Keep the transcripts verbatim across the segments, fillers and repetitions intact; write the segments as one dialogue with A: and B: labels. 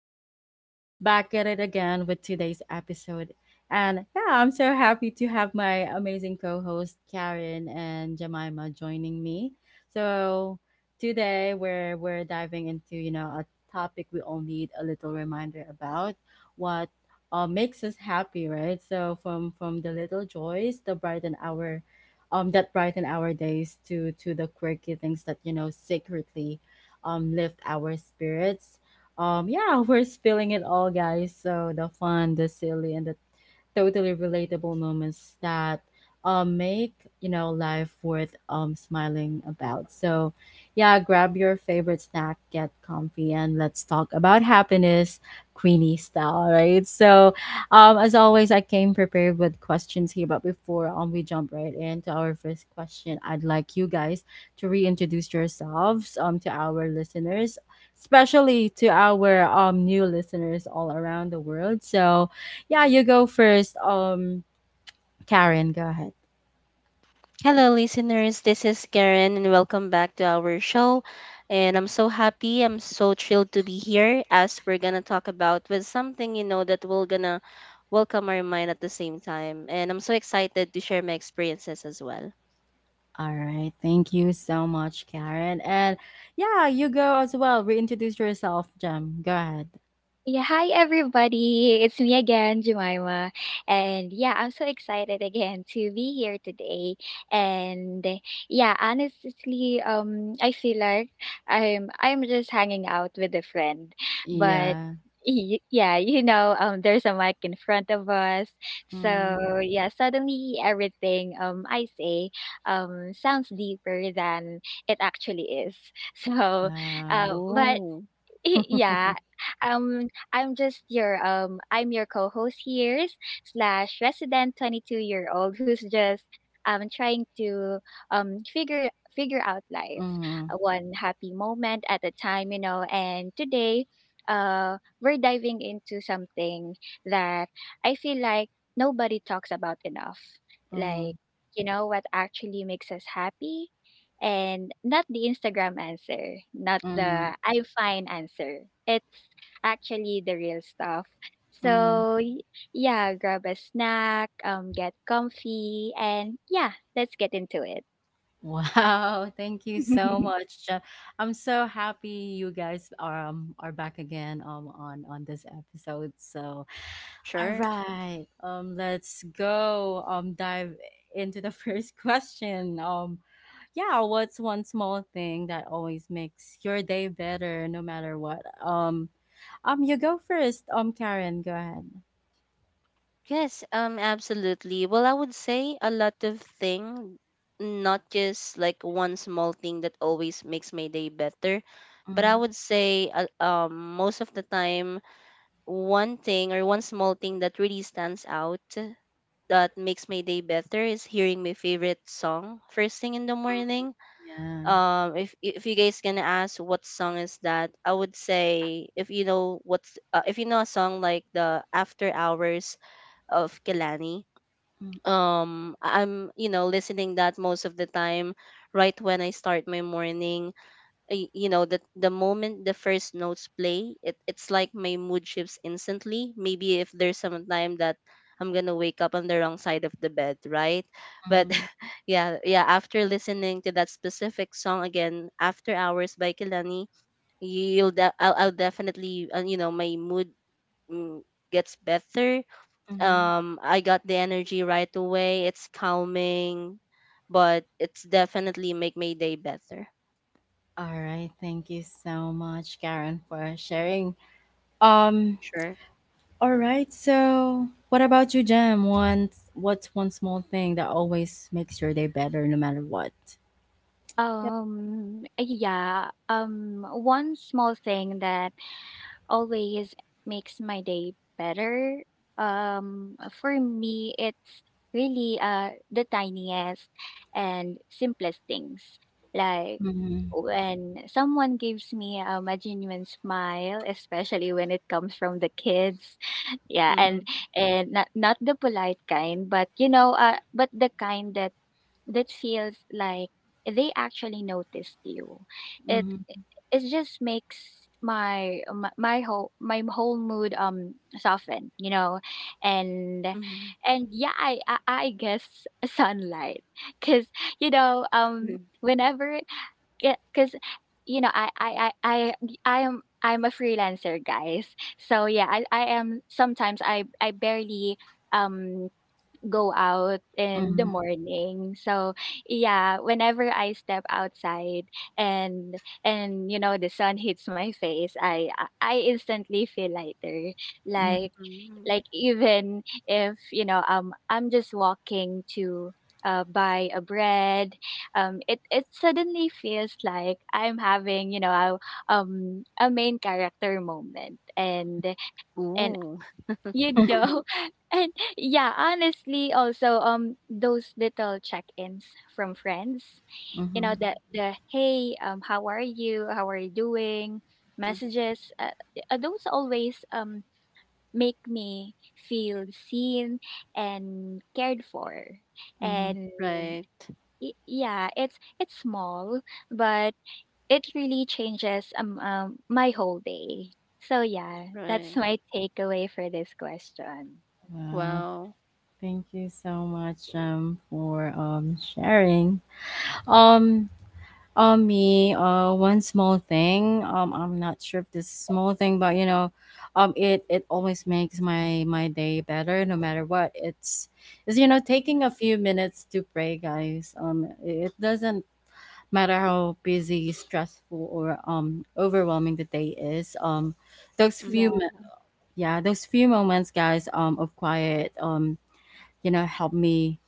A: Queenie. Back at it again with today's episode. And yeah, I'm so happy to have my amazing co host Karen and Jemima joining me. So today we're we're diving into, you know, a topic we all need a little reminder about what uh, makes us happy, right? So from from the little joys, the brighten our um that brighten our days to to the quirky things that, you know, secretly um lift our spirits. Um yeah, we're spilling it all, guys. So the fun, the silly, and the totally relatable moments that um make, you know, life worth um smiling about. So yeah, grab your favorite snack, get comfy, and let's talk about happiness Queenie style, right? So um, as always, I came prepared with questions here, but before um, we jump right into our first question, I'd like you guys to reintroduce yourselves um, to our listeners, especially to our um, new listeners all around the world. So, yeah, you go first. Um, Karen, go ahead.
B: Hello, listeners. This is Karen, and welcome back to our show. And I'm so happy. I'm so thrilled to be here as we're gonna talk about with something you know that will gonna welcome our mind at the same time. And I'm so excited to share my experiences as well.
A: All right. Thank you so much, Karen. And yeah, you go as well. Reintroduce yourself, Jem. Go ahead.
C: Yeah, hi everybody. It's me again, Jemima. And yeah, I'm so excited again to be here today. And yeah, honestly, um I feel like I'm I'm just hanging out with a friend. But
A: Yeah.
C: y- yeah, you know, um there's a mic in front of us.
A: Mm,
C: So yeah, suddenly everything um I say um sounds deeper than it actually is. So
A: wow.
C: uh, but
B: Oh,
C: yeah, um I'm just your um i'm your co-host here slash resident twenty-two year old who's just um trying to um figure figure out life,
A: Mm.
C: uh, one happy moment at a time. You know, and today uh we're diving into something that I feel like nobody talks about enough, like,
A: Mm.
C: you know, what actually makes us happy, and not the Instagram answer, not the
A: Mm.
C: I'm fine answer. It's actually the real stuff.
A: Mm.
C: So, y- yeah, grab a snack, um, get comfy, and yeah, let's get into it.
A: Wow, thank you so much, Jeff. I'm so happy you guys are um, are back again um on on this episode. So, all
B: sure.
A: right, um, let's go um dive into the first question. Um, yeah, what's one small thing that always makes your day better, no matter what? Um, um, you go first. Um, Karen, go ahead.
B: Yes, um, absolutely. Well, I would say a lot of thing, not just like one small thing that always makes my day better, but I
A: Hmm.
B: would say uh, um most of the time one thing or one small thing that really stands out that makes my day better is hearing my favorite song first thing in the morning.
A: Yeah.
B: Um, if if you guys gonna ask what song is that, I would say if you know what's uh, if you know a song like the After Hours of Kelani. Um, I'm you know listening that most of the time right when I start my morning. Y- you know that the moment the first notes play it, it's like my mood shifts instantly, maybe if there's some time that I'm gonna wake up on the wrong side of the bed, right? But
A: Mm-hmm.
B: yeah, yeah, after listening to that specific song again, After Hours by Kilani, you'll de- I'll, I'll definitely, uh, you know, my mood, mm, gets better.
A: Mm-hmm.
B: um I got the energy right away. It's calming, but it's definitely make my day better.
A: All right. Thank you so much, Karen, for sharing. Um,
B: Sure.
A: all right. So, what about you, Jem? One, what's one small thing that always makes your day better, no matter what? Yep.
C: Um, yeah, um, one small thing that always makes my day better. Um, for me, it's really, uh, the tiniest and simplest things. Like
A: Mm-hmm.
C: when someone gives me, um, a genuine smile, especially when it comes from the kids, yeah, and and not not the polite kind, but, you know, uh, but the kind that that feels like they actually noticed you. It
A: Mm-hmm.
C: it just makes my my, my whole my whole mood um soften, you know. and
B: Mm-hmm.
C: and yeah, i i, I guess sunlight, because, you know, um
B: Mhm.
C: whenever because, you know, I, I i i i am i'm a freelancer, guys. So yeah, I I am sometimes I I barely um go out in the
A: Mm-hmm.
C: morning. So yeah, whenever I step outside, and and, you know, the sun hits my face, I I instantly feel lighter. Like
B: Mm.
C: like even if, you know, um I'm just walking to, uh, buy a bread, um it it suddenly feels like I'm having, you know, a, um a main character moment. and and
B: Ooh.
C: you
A: Mm-hmm.
C: know, and yeah, honestly, also um those little check-ins from friends, you know,
A: Mm-hmm.
C: the the hey, um, how are you? How are you doing?
B: Mhm.
C: Messages, uh, uh, those always um make me feel seen and cared for,
A: Mm-hmm.
C: and
B: Right.
C: y- yeah, it's it's small, but it really changes um, um my whole day. So yeah,
B: Right.
C: that's my takeaway for this question.
A: Wow.
B: Wow.
A: Thank you so much, um, for um sharing. Um, Um, me, uh, one small thing. Um, I'm not sure if this is small thing, but you know, um, it it always makes my my day better, no matter what. It's is you know taking a few minutes to pray, guys. Um, it doesn't matter how busy, stressful, or um overwhelming the day is. Um, those few
B: Mm.
C: Yeah.
A: mi- yeah, those few moments, guys, Um, of quiet. Um, you know, help me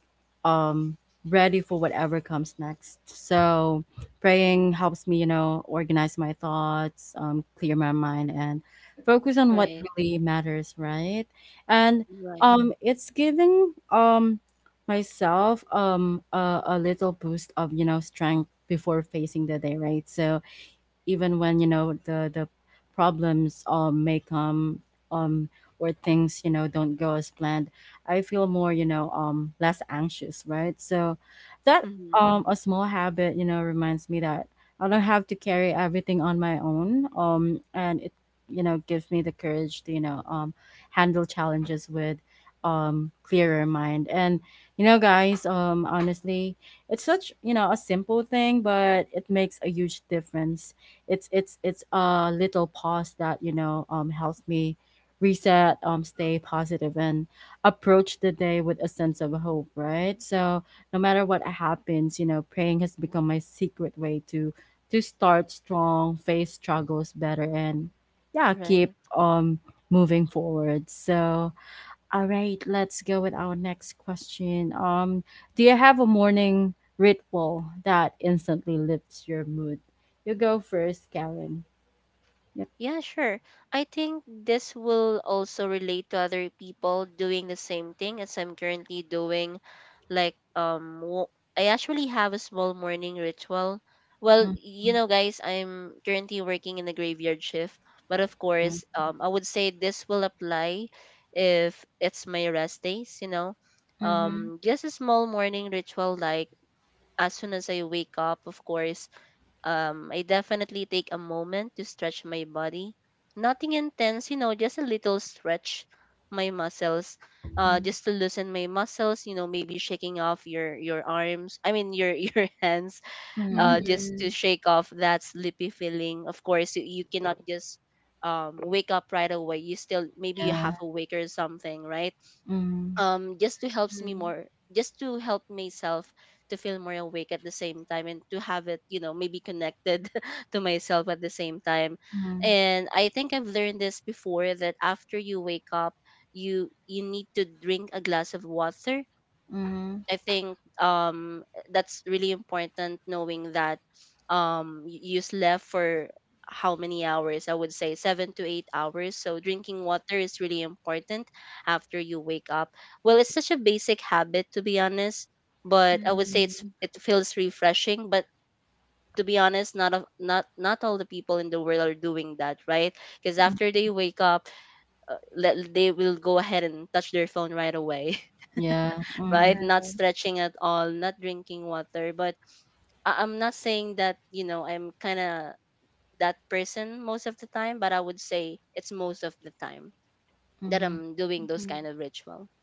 A: um ready for whatever comes next. So praying helps me, you know organize my thoughts, um clear my mind, and focus on what
B: Right.
A: really matters, right. And
B: Right.
A: um it's giving um myself um a, a little boost of you know strength before facing the day, right. So even when, you know the the problems um may come, um or things, you know don't go as planned, I feel more, you know um less anxious, right. So that,
B: Mm.
A: um a small habit, you know reminds me that I don't have to carry everything on my own, um and it, you know gives me the courage to, you know um handle challenges with um clearer mind. And, you know guys, um honestly, it's such, you know a simple thing, but it makes a huge difference. It's it's it's a little pause that, you know um helps me reset, um stay positive, and approach the day with a sense of hope, right. So no matter what happens, you know praying has become my secret way to to start strong, face struggles better, and yeah, keep
B: Right.
A: um moving forward, so. All right, let's go with our next question. Um, do you have a morning ritual that instantly lifts your mood? You go first, Karen. Yep.
B: Yeah, sure. I think this will also relate to other people doing the same thing as I'm currently doing. Like, um, wo- I actually have a small morning ritual. Well, you know, guys, I'm currently working in the graveyard shift, but of
A: Mm-hmm.
B: course, um, I would say this will apply if it's my rest days, you know.
A: Mm-hmm.
B: Um, just a small morning ritual, like as soon as I wake up, of course, um, I definitely take a moment to stretch my body. Nothing intense, you know, just a little stretch my muscles, uh, just to loosen my muscles. You know, maybe shaking off your your arms. I mean, your your hands, uh,
A: Mm-hmm.
B: just to
C: Mhm.
B: shake off that sleepy feeling. Of course, you, you cannot just um wake up right away. You still maybe you
A: Yeah.
B: half awake or something, right?
A: Mm-hmm.
B: Um just to helps me
C: Mhm.
B: more, just to help myself to feel more awake at the same time, and to have it, you know, maybe connected to myself at the same time. And I think I've learned this before, that after you wake up, you you need to drink a glass of water.
A: Mm-hmm.
B: I think um that's really important, knowing that um y- you slept for how many hours? I would say seven to eight hours. So drinking water is really important after you wake up. Well, it's such a basic habit, to be honest, but I would say it's
C: Mhm.
B: it feels refreshing, but to be honest, not of not not all the people in the world are doing that, right? Because after they wake up, uh, le- they will go ahead and touch their phone right away,
A: Yeah. Mm-hmm.
B: right?
C: Yeah.
B: Not stretching at all, not drinking water. But I- I'm not saying that, you know, I'm kind of that person most of the time, but I would say it's most of the time that I'm doing those
C: Mhm.
B: kind of ritual,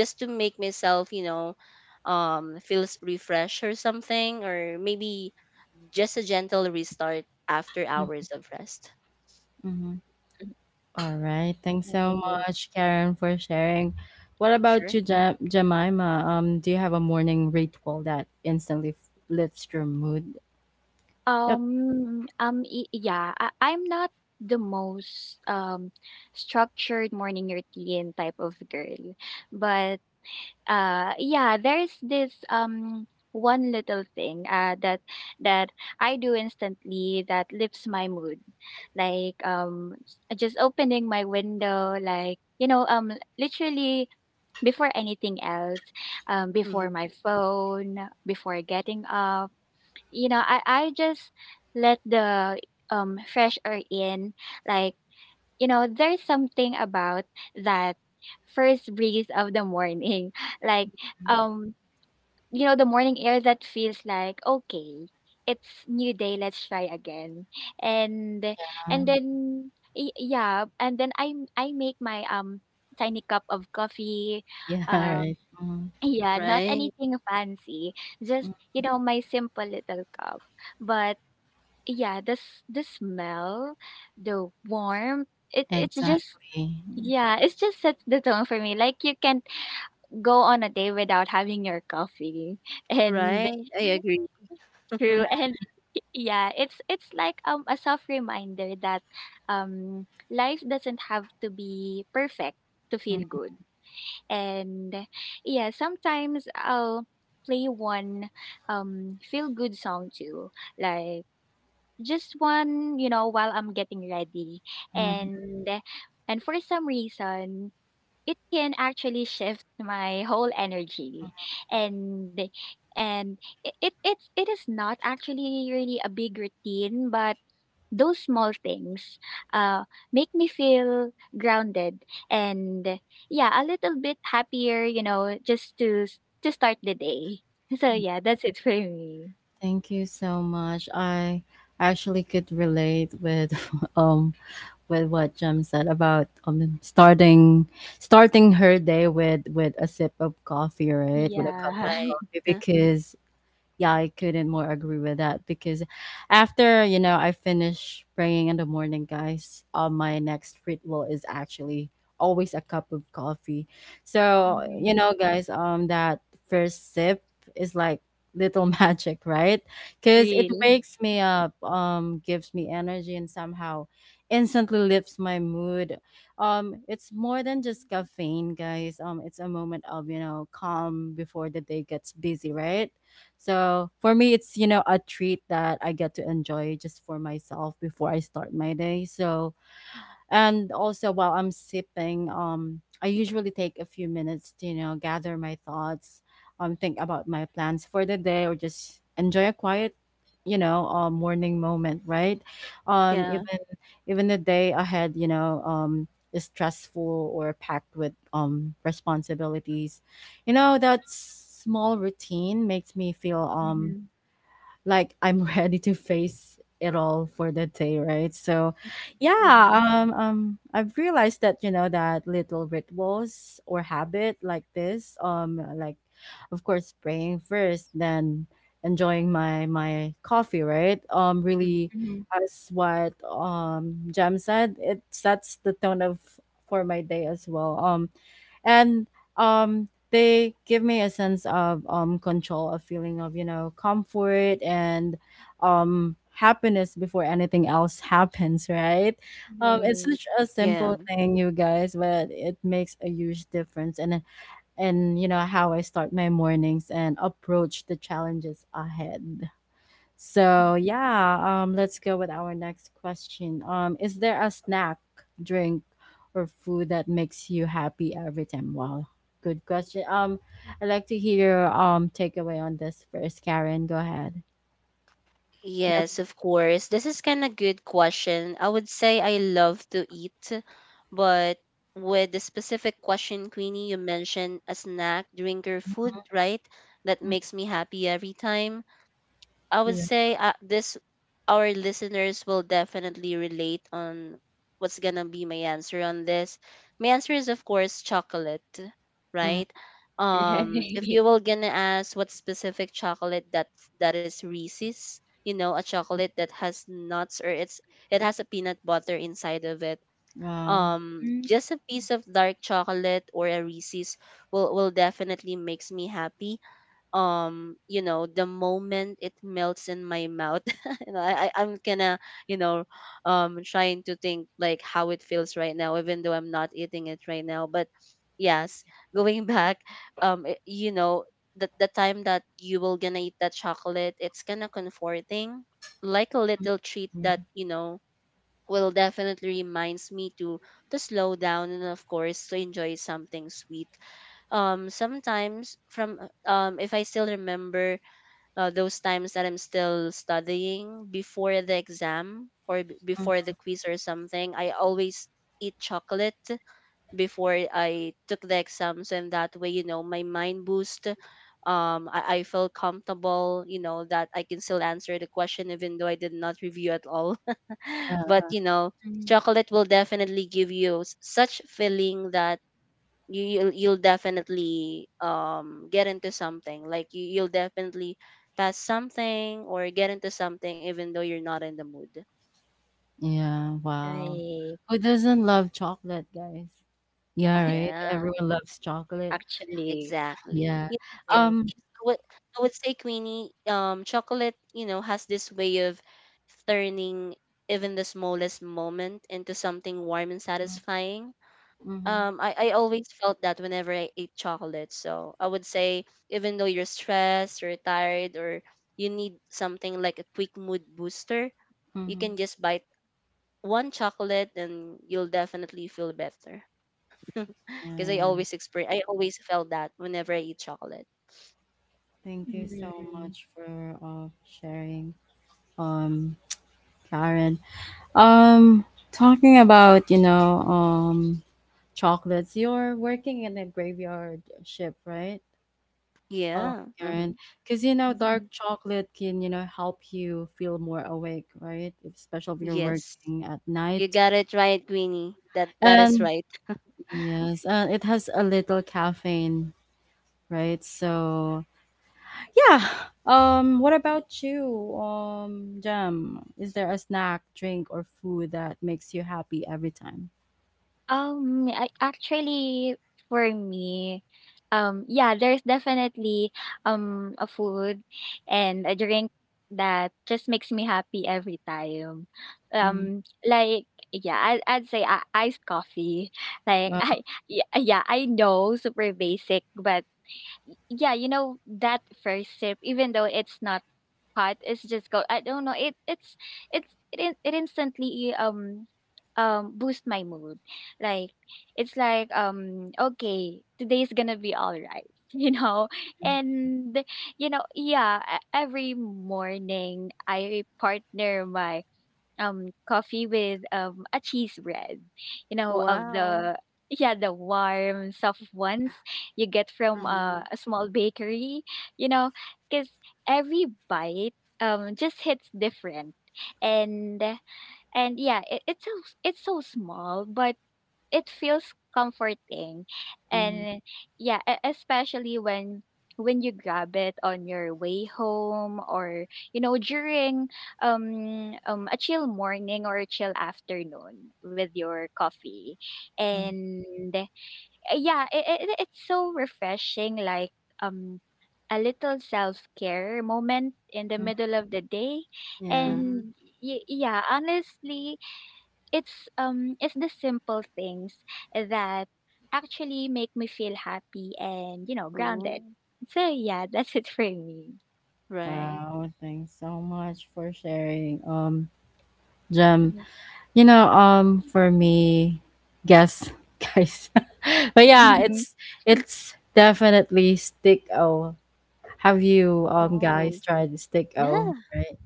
B: just to make myself, you know, um, feels refreshed or something, or maybe just a gentle restart after hours of rest.
A: Mm-hmm. All right. Thanks so
C: Right.
A: much, Karen, for sharing. What about you,
B: Sure.
A: Ja- Jemima? Um, do you have a morning ritual that instantly f- lifts your mood? Yep.
C: Um, um, y- yeah, I I'm not the most um structured morning routine type of girl, but uh, yeah, there's this um one little thing uh that that I do instantly that lifts my mood, like, um s- just opening my window, like, you know, um, literally before anything else, um, before
B: Hmm.
C: my phone, before getting up. You know, I, I just let the, um, fresh air in. Like, you know, there's something about that first breeze of the morning. Like, um, you know, the morning air that feels like, okay, it's new day, let's try again. And and then, y- yeah, and then I I make my um tiny cup of coffee.
A: Yeah,
C: uh,
A: right. Mm.
C: yeah, not
B: Right,
C: anything fancy.
A: Mm.
C: Just, you know, my simple little cup. But yeah, this the s- the smell, the warmth, it it's just
A: Exactly.
C: yeah, it's just sets the tone for me. Like, you can't go on a day without having your coffee. And
B: right. I agree.
A: Yeah.
C: true. And yeah, it's it's like um a soft reminder that um life doesn't have to be perfect to
A: Mm.
C: feel good. And yeah, sometimes I'll play one, um feel good song too. Like, just one, you know, while I'm getting ready.
A: Mm.
C: And and for some reason it can actually shift my whole energy. And and it, it it's it is not actually really a big routine, but those small things, uh, make me feel grounded, and yeah, a little bit happier, you know, just to s- to start the day. So yeah, that's it for me.
A: Thank you so much. I actually could relate with um with what Jem said about um starting starting her day with with a sip of coffee, right? With a cup
C: Yeah.
A: of
B: Right.
A: coffee, because yeah, I couldn't more agree with that, because after, you know, I finish praying in the morning, guys, uh, my next ritual is actually always a cup of coffee. So,
C: Hmm.
A: you know, guys, um that first sip is like little magic, right? Cuz it
C: Really.
A: wakes me up, um gives me energy, and somehow instantly lifts my mood. Um it's more than just caffeine, guys. Um it's a moment of, you know, calm before the day gets busy, right? So for me, it's you know a treat that I get to enjoy just for myself before I start my day. So, and also while I'm sipping, um, I usually take a few minutes to, you know, gather my thoughts, um, think about my plans for the day, or just enjoy a quiet, you know, uh, morning moment, right? Um,
B: Yeah.
A: even even the day ahead, you know, um is stressful or packed with um responsibilities. You know, that small routine makes me feel um
C: Mm-hmm.
A: like I'm ready to face it all for the day, right? So, yeah,
B: Hmm.
A: um, um, I've realized that, you know that little rituals or habit like this, um, like of course praying first, then enjoying my my coffee, right? Um,
B: Hmm.
A: really,
C: Mm-hmm.
A: as what um Jam said, it sets the tone of for my day as well. Um, and um they give me a sense of um control, a feeling of, you know comfort, and um happiness before anything else happens, right. Um it's
C: Right.
A: such a
B: Yeah.
A: simple thing, you guys, but it makes a huge difference. And and you know how I start my mornings and approach the challenges ahead. So yeah, um, let's go with our next question. Um, is there a snack, drink, or food that makes you happy every time? Wow, good question. Um, I'd like to hear um takeaway on this first, Karen. Go ahead. Yep.
B: Yes, of course. This is kind of good question. I would say I love to eat, but with the specific question, Queenie, you mentioned a snack, drink, or food, right? That
A: Mm.
B: makes me happy every time. I would
A: Yeah.
B: say uh, this, our listeners will definitely relate on what's gonna be my answer on this. My answer is, of course, chocolate,
A: Mm.
B: right? Um, if
C: Right.
B: you were gonna ask what specific chocolate, that that is Reese's, you know, a chocolate that has nuts, or it's it has a peanut butter inside of it.
A: Wow.
B: Um,
C: Mm-hmm.
B: just a piece of dark chocolate or a Reese's will will definitely makes me happy. Um you know, the moment it melts in my mouth, you know I, I I'm gonna you know um trying to think like how it feels right now, even though I'm not eating it right now. But yes, going back, um it- you know the, the time that you will gonna eat that chocolate, it's kind of comforting, like a little treat that
A: Yeah.
B: you know will definitely reminds me to to slow down and, of course, to enjoy something sweet. Um sometimes from, uh, um if I still remember, uh, those times that I'm still studying before the exam or b-
A: Mm.
B: before the quiz or something, I always eat chocolate before I took the exams, and that way, you know, my mind boost. Um, I, I feel comfortable, you know, that I can still answer the question even though I did not review at all.
A: Yeah.
B: But you know, chocolate will definitely give you s- such feeling that you you'll, you'll definitely um get into something. Like, you you'll definitely pass something or get into something even though you're not in the mood.
A: Yeah. Wow.
C: Right.
A: Who doesn't love chocolate, guys? Yeah. Right.
B: Yeah.
A: Everyone loves chocolate.
C: Actually,
B: Exactly.
A: Yeah.
B: You get-
C: yes.
A: Um.
B: it's- I would, I would say, Queenie, um, chocolate, you know, has this way of turning even the smallest moment into something warm and satisfying.
A: Mm-hmm.
B: Um, I, I always felt that whenever I ate chocolate. So I would say, even though you're stressed or tired, or you need something like a quick mood booster, you
A: Mm-hmm.
B: can just bite one chocolate and you'll definitely feel better. Because
A: Yeah.
B: I
A: Right.
B: always experience, I always felt that whenever I eat chocolate.
A: Thank you so
C: Mm-hmm.
A: much for uh, sharing, um, Karen. Um, Talking about you know um, chocolates. You're working in a graveyard ship, right? Oh,
B: Yeah. Hmm.
A: Karen, because you know dark chocolate can you know help you feel more awake, right? Especially if you're
B: Yes.
A: working at
B: You
A: night.
B: got it right, Queenie. That that is
A: And
B: right.
A: yes, uh, it has a little caffeine, right? So, yeah. Um, what about you, um, Jam? Is there a snack, drink, or food that makes you happy every time?
C: Um, I actually, for me, um, yeah, there's definitely um a food and a drink that just makes me happy every time.
A: Mm.
C: Um, like, yeah, I, I'd say, uh, iced coffee. Like,
A: Wow.
C: I yeah, yeah, I know, super basic, but yeah, you know that first sip, even though it's not hot, it's just go. I don't know. It it's it's it in- it instantly um um boost my mood. Like, it's like, um okay, today's gonna be all right. You know, and you know, yeah. e- Every morning, I partner my um coffee with um a cheese bread, you know, of
B: Wow.
C: the yeah the warm soft ones you get from,
B: Mm-hmm.
C: uh, a small bakery, you know, because every bite um just hits different. And and yeah, it, it's so it's so small but it feels comforting.
A: Mm.
C: And yeah, e- especially when when you grab it on your way home, or, you know, during, um, um a chill morning or a chill afternoon with your coffee.
A: Mm.
C: And uh, yeah, it, it, it's so refreshing, like, um a little self-care moment in the
A: Mm.
C: middle of the day.
A: Yeah.
B: Mm-hmm.
C: And y- yeah, honestly, it's um it's the simple things that actually make me feel happy and, you know, grounded.
B: Oh,
C: So yeah, that's it for me.
B: right.
A: Wow. Thanks so much for sharing, um, Jam. You know, um, for me, guess, guys. But yeah,
C: Mm-hmm.
A: it's it's definitely stick o. Have you um guys
B: Oh,
A: tried stick o?
B: yeah.
A: Right?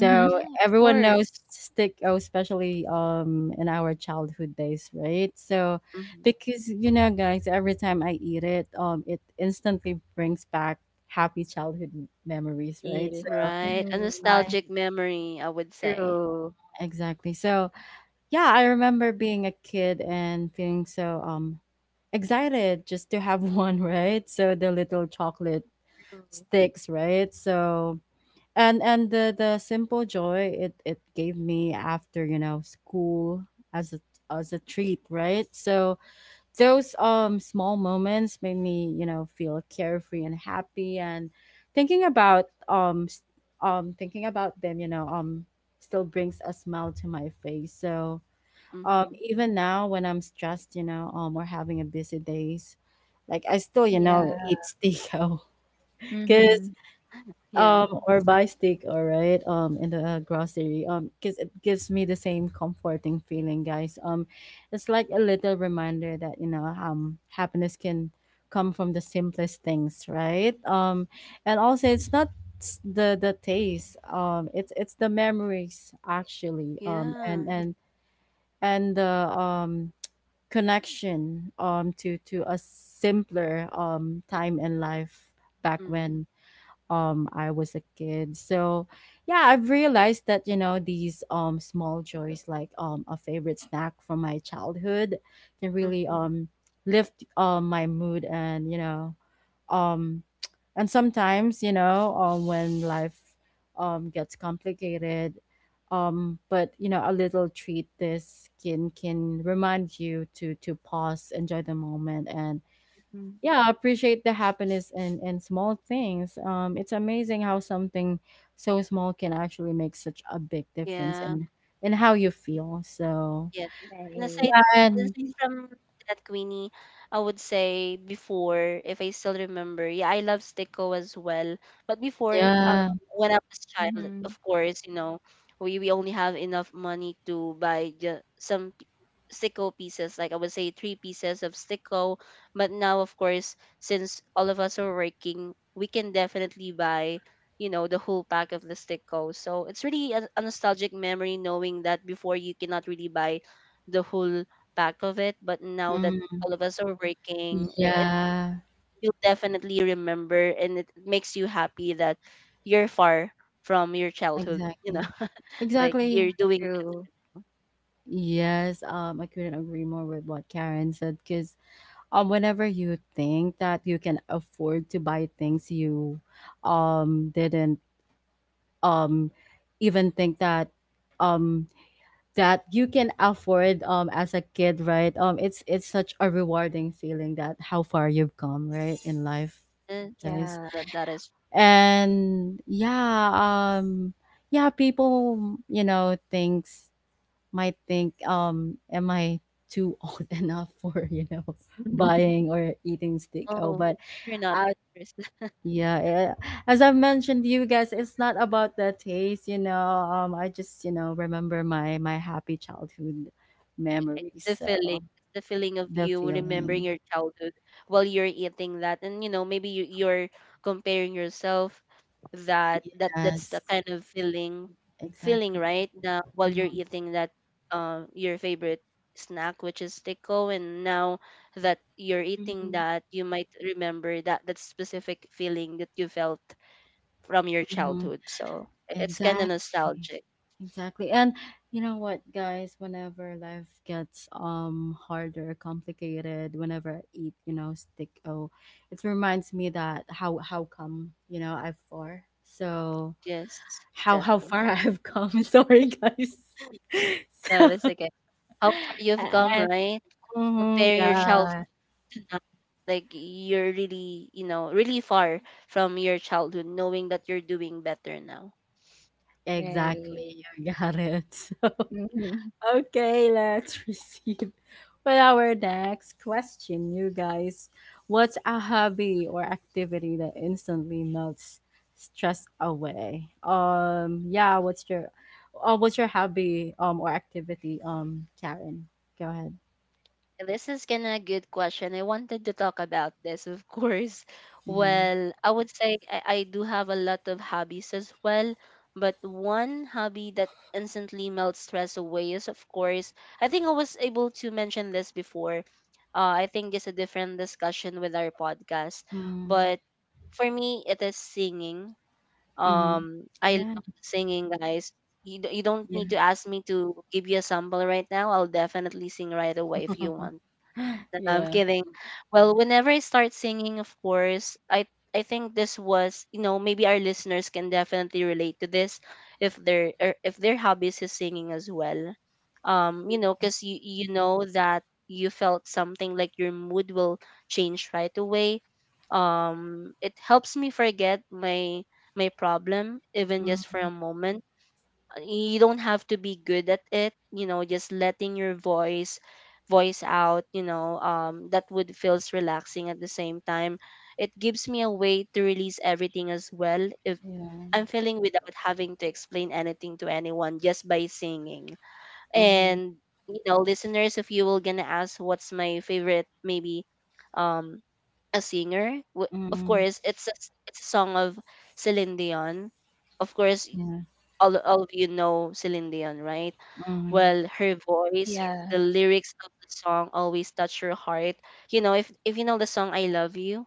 C: Mm-hmm.
B: Yeah, of
A: everyone knows
B: course.
A: stick oh, especially um in our childhood days, right? So
B: Mm-hmm.
A: because you know guys, every time I eat it, um it instantly brings back happy childhood m- memories, right?
C: Feel.
A: So
B: Right. A
C: Mm-hmm.
A: I
B: nostalgic memory, I would say.
C: True.
A: exactly. So yeah, I remember being a kid and feeling so um excited just to have one, right? So the little chocolate
C: True.
A: sticks, right? So and and the the simple joy it it gave me after you know school as a as a treat, right? So those um small moments made me you know feel carefree and happy. And thinking about um s- um thinking about them, you know um still brings a smile to my face. So um
B: Mm-hmm.
A: even now when I'm stressed, you know um or having a busy days, like I still you know
C: Yeah.
A: eat stico
C: Mm-hmm.
A: because
B: Yeah.
A: um or buy steak, all right, um in the uh, grocery um because it gives me the same comforting feeling, guys. Um it's like a little reminder that you know um happiness can come from the simplest things, right. Um and also, it's not s- the the taste, um it's it's the memories actually, um and
B: Yeah.
A: and and the um connection um to to a simpler um time in life, back
B: Mm-hmm.
A: when um I was a kid. So yeah, I've realized that you know these um small joys, like um a favorite snack from my childhood, can really um lift um my mood. And you know um and sometimes, you know um when life um gets complicated, um but you know a little treat, this can can remind you to to pause, enjoy the moment, and
C: Mm.
A: yeah, appreciate the happiness and and small things. Um it's amazing how something so small can actually make such a big difference
B: Yeah.
A: in in how you feel. So
B: Yeah. And
C: Right.
B: aside,
A: yeah. And
B: aside from that, Queenie, I would say before, if I still remember, yeah, I love Stico as well. But before, um,
A: yeah.
B: when I was child,
C: Mm-hmm.
B: of course, you know, we, we only have enough money to buy just some sicko pieces, like, I would say three pieces of sicko. But now, of course, since all of us are working, we can definitely buy you know the whole pack of the sicko. So it's really a, a nostalgic memory, knowing that before you cannot really buy the whole pack of it, but now that
A: Mm,
B: all of us are working, it, it
A: yeah.
B: you'll definitely remember, and it makes you happy that you're far from your childhood, you know.
A: Exactly.
B: Like, you're
A: Exactly.
B: doing
C: True.
A: Yes. um I couldn't agree more with what Karen said. Because um whenever you think that you can afford to buy things, you um didn't um even think that um that you can afford um as a kid, right? um it's it's such a rewarding feeling, that how far you've come, right, in life,
B: business,
A: guys.
C: Yeah.
B: that that is.
A: And yeah, um yeah, people you know thinks might think, um am I too old enough for you know
C: Mhm.
A: buying or eating steak. Oh,
B: Oh,
A: but
B: you're not
A: uh,
B: a person.
A: yeah, eh, as I've mentioned to you guys, it's not about the taste, you know. Um, I just, you know, remember my my happy childhood
B: Yeah, it's
A: memories.
B: the feeling,
A: So
B: it's the feeling of
A: the
B: you remembering
A: feeling.
B: your childhood while you're eating that, and you know maybe you, you're comparing yourself. That that that's the
A: Yes,
B: kind of feeling, feeling
A: exactly.
B: right now while you're
A: Mhm,
B: eating that um your favorite snack, which is tico, and now that you're eating
C: Mm-hmm.
B: that, you might remember that that specific feeling that you felt from your
A: mhm.
B: childhood. So it's kind of
A: Exactly.
B: nostalgic.
A: Exactly. And you know what, guys, whenever life gets um harder, complicated, whenever I eat, you know, stick oh, it reminds me that how how come, you know, I've far. So
B: Yes,
A: how how
B: exactly.
A: far I have come. Sorry, guys.
B: No,
A: So,
B: that's okay. How far you've come,
A: and
B: right?
A: mhm,
B: Comparing yourself
A: yeah,
B: now, like, you're really, you know, really far from your childhood, knowing that you're doing better now.
A: exactly.
C: Right.
A: You got it. So,
C: Mhm.
A: okay, let's proceed with our next question, you guys. What's a hobby or activity that instantly melts stress away? Um, yeah, what's your uh, what's your hobby um or activity? Um, Karen, go ahead.
B: This is kind of a good question. I wanted to talk about this, of course.
A: Yeah.
B: Well, I would say I, I do have a lot of hobbies as well, but one hobby that instantly melts stress away is, of course, I think I was able to mention this before. Uh, I think it's a different discussion with our podcast,
A: Mm,
B: but for me, it is singing.
A: mm-hmm.
B: Um, I
A: Yeah.
B: love singing, guys. You, d- you don't need to ask me to give you a sample right now. I'll definitely sing right away if you
A: Mm,
B: want. No, I'm
A: yeah.
B: kidding. Well, whenever I start singing, of course, I I think this was, you know, maybe our listeners can definitely relate to this, if their er, if their hobbies is singing as well. Um, you know, because you you know that you felt something like your mood will change right away. Um, it helps me forget my my problem even just for a
A: Mhm,
B: moment. You don't have to be good at it, you know just letting your voice voice out. You know um that would feels relaxing at the same time. It gives me a way to release everything as well, if
A: yeah.
B: I'm feeling, without having to explain anything to anyone, just by singing.
A: Mhm,
B: And you know, listeners, if you will gonna ask what's my favorite, maybe um a singer, w- of
A: mhm,
B: course it's a, s- it's a song of Celine Dion, of course.
A: yeah.
B: All all of you know Celine Dion, right?
A: Mhm,
B: Well, her voice, the
C: Yeah.
B: lyrics of the song always touch your heart. You know, if if you know the song "I Love You,"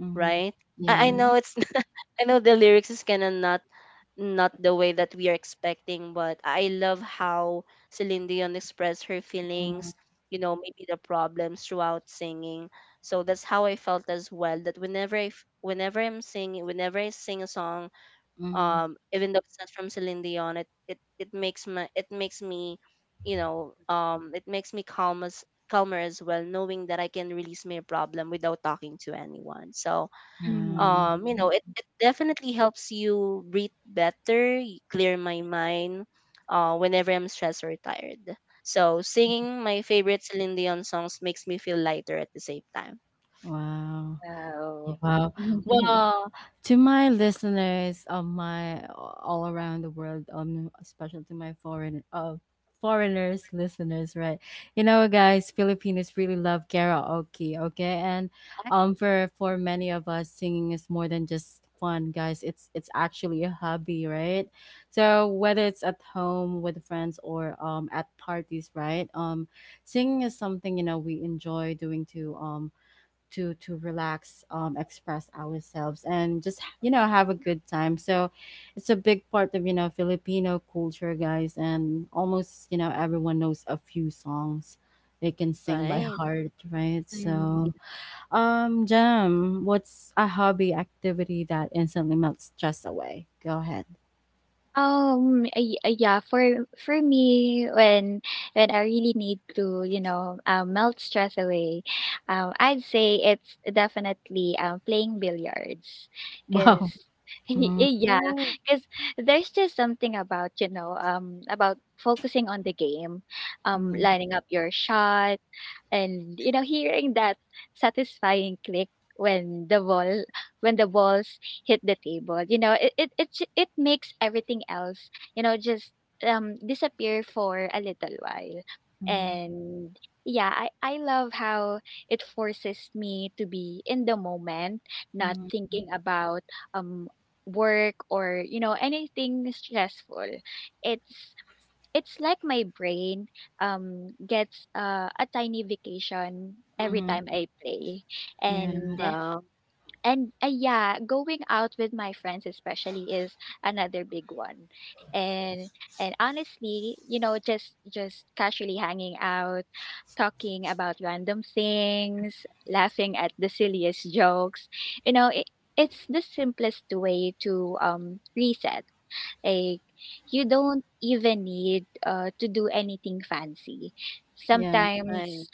A: mhm,
B: right? I, I
A: yeah.
C: Mhm.
B: know it's I know the lyrics is kind of not not the way that we are expecting, but I love how Celine Dion expressed her
A: Mhm,
B: feelings. You know, maybe the problems throughout singing. So that's how I felt as well. That whenever I f- whenever I'm singing, whenever I sing a song
A: mhm.
B: um even though it's not from Celine Dion it it, it makes my it makes me you know um it makes me calm as calmer as well knowing that I can release my problem without talking to anyone so
A: Wow.
B: um you know it,
C: Mm-hmm.
B: it definitely helps you breathe better y- clear my mind uh whenever I'm stressed or tired. So singing my favorite Celine Dion songs makes me feel lighter at the same time,
A: Wow.
C: Wow.
A: Wow.
C: Mhm. Mm
A: Well, to my listeners of my all around the world, um, especially to my foreign uh, foreigners listeners, right? You know, guys, Filipinos really love karaoke, okay? And um, for for many of us, singing is more than just fun, guys. It's it's actually a hobby, right? So whether it's at home with friends or um at parties, right? Um, singing is something you know we enjoy doing to um to to relax, um, express ourselves, and just you know have a good time. So it's a big part of you know Filipino culture, guys, and almost you know everyone knows a few songs they can sing by
B: right?
A: heart, right?
C: hmm. Right. Hmm. Yeah. Hmm. Mm hmm. Wow.
A: So,
C: Hmm.
A: um, Jam, what's a hobby activity that instantly melts stress away? Go ahead.
C: Um, ay ay Yeah, for for me, when, when I really need to, you know, uh, melt stress away, um, I'd say it's definitely um playing billiards, cause
A: Wow.
C: y-
A: Mm-hmm.
C: yeah,
B: Ooh,
C: cause there's just something about, you know, um about focusing on the game, um lining up your shot, and, you know, hearing that satisfying click when the ball when the balls hit the table. You know, it it it, ju- it makes everything else, you know, just um disappear for a little while.
A: Hmm.
C: And yeah, I I love how it forces me to be in the moment, not
A: Hmm.
C: thinking about um work or, you know, anything stressful. It's it's like my brain um gets, uh, a tiny vacation every
A: Hmm.
C: time I play.
A: Yeah.
C: and
B: wow,
C: and uh, yeah, going out with my friends especially is another big one. And and honestly, you know, just just casually hanging out, talking about random things, laughing at the silliest jokes. You know, it, it's the simplest way to um reset. Like, you don't even need, uh, to do anything fancy.
A: Yeah.
B: right,
C: Sometimes,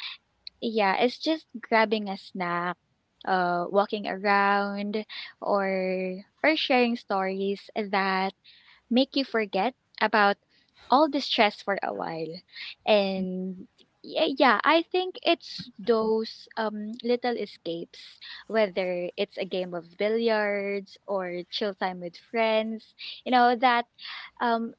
C: yeah, it's just grabbing a snack, uh, walking around, or or sharing stories that make you forget about all the stress for a while. And y- yeah, I think it's those um little escapes, whether it's a game of billiards or chill time with friends, you know, that um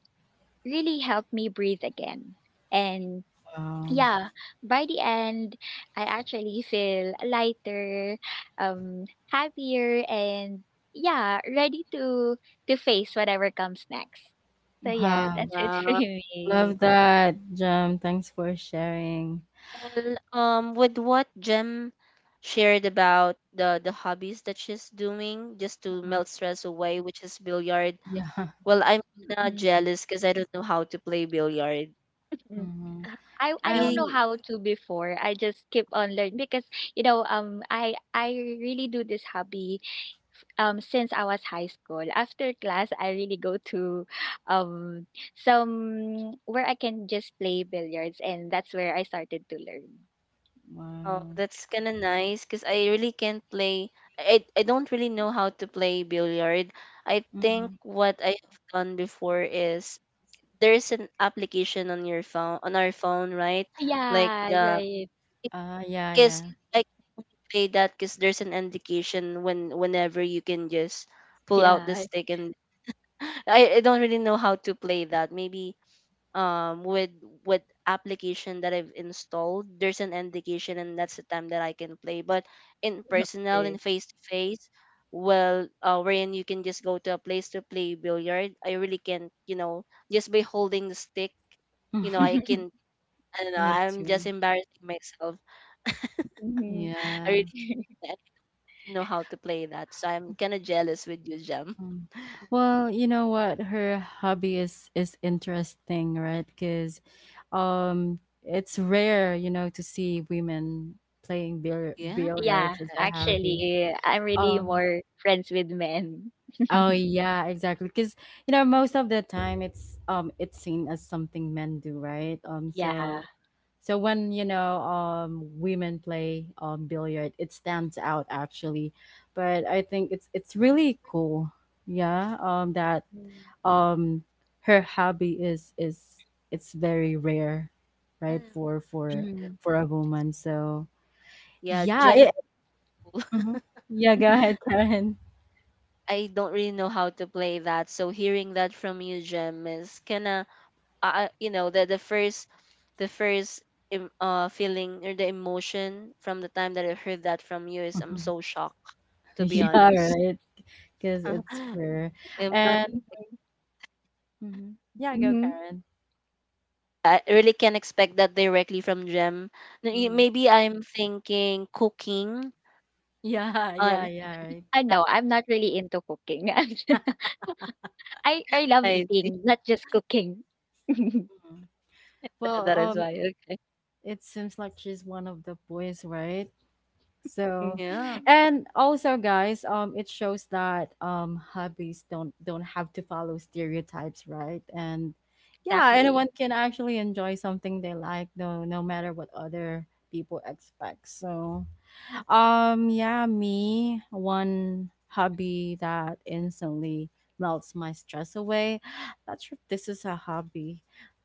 C: really help me breathe again. And
A: Wow.
C: yeah, by the end, I actually feel lighter, um, happier, and yeah, ready to, to face whatever comes next. So yeah,
A: Wow.
C: that's it for
B: wow.
C: me.
A: Love that, Jam. Thanks for sharing.
B: Well, um, with what Jem shared about the the hobbies that she's doing just to
A: Mm,
B: melt stress away, which is billiard.
A: yeah.
B: Well, I'm kinda
C: Mhm.
B: jealous because I don't know how to play billiard.
C: Mm.
A: Mhm.
C: I I don't
A: And
C: know
B: Maybe
C: how to before. I just keep on learning because, you know, um I I really do this hobby um since I was high school. After class, I really go to um some where I can just play billiards, and that's where I started to learn.
B: oh,
A: wow.
B: that's kinda nice because I really can't play. I I don't really know how to play billiard. I think
A: Mhm.
B: what I have done before is there's an application on your phone on our phone, right? Like
C: Yeah,
B: the
C: right.
A: Ah, yeah,
B: 'Cause
A: yeah.
B: I can only play that 'cause there's an indication when whenever you can just pull out the
C: Yeah.
B: stick and I, I don't really know how to play that. Maybe um with with application that I've installed, there's an indication and that's the time that I can play. But in personal
C: Okay.
B: and face to face, well, uh, wherein you can just go to a place to play billiard. I really can't, you know, just by holding the stick, you know, I can. I don't know.
A: Me
B: I'm
A: too.
B: just embarrassing myself.
C: Mhm.
B: I
A: Yeah.
B: really can't. Know how to play that. So I'm kind of jealous with you, Jem.
A: Mm. Well, you know what? Her hobby is is interesting, right? Because um it's rare, you know, to see women playing bill
B: Yeah.
C: Yeah,
A: billiards as a hobby.
C: actually, I'm really
A: Um
C: more friends with men.
A: Oh yeah, exactly. Because you know, most of the time it's um it's seen as something men do, right? Um,
C: Yeah.
A: so so when you know um women play um billiard, it stands out actually. But I think it's it's really cool. Yeah. Um, that
C: Mm.
A: um her hobby is is it's very rare, right? For for for a woman. So
B: Yeah,
A: yeah.
B: Jemmy.
A: It, Mhm. Yeah. Go
C: Mhm.
A: ahead, Karen.
B: I don't really know how to play that. So hearing that from you, Jem, is kinda, uh, you know, the the first, the first, em- uh, feeling or the emotion from the time that I heard that from you is I'm so shocked, to be
A: Yeah.
B: honest.
A: Right. Because it's rare.
B: I'm not,
A: And mhm. Yeah, go
C: Mhm.
A: Karen.
B: I really can't expect that directly from Jem. N- y-
A: Mhm.
B: Maybe I'm thinking cooking.
A: Yeah, yeah,
B: Um,
A: yeah, right.
C: Ah, no, I'm not really into cooking. I I love eating, not just cooking.
A: Mhm.
B: Tha
A: Well,
B: that is why,
A: um,
B: okay.
A: it seems like she's one of the boys, right?
C: Mm.
A: So,
B: Yeah,
C: Mm.
A: and also, guys, um, it shows that, um, hobbies don't don't have to follow stereotypes, right? And yeah, anyone
C: Exactly.
A: can actually enjoy something they like, no, no matter what other people expect. So, Um, yeah, me, one hobby that instantly melts my stress away. Not sure if this is a hobby,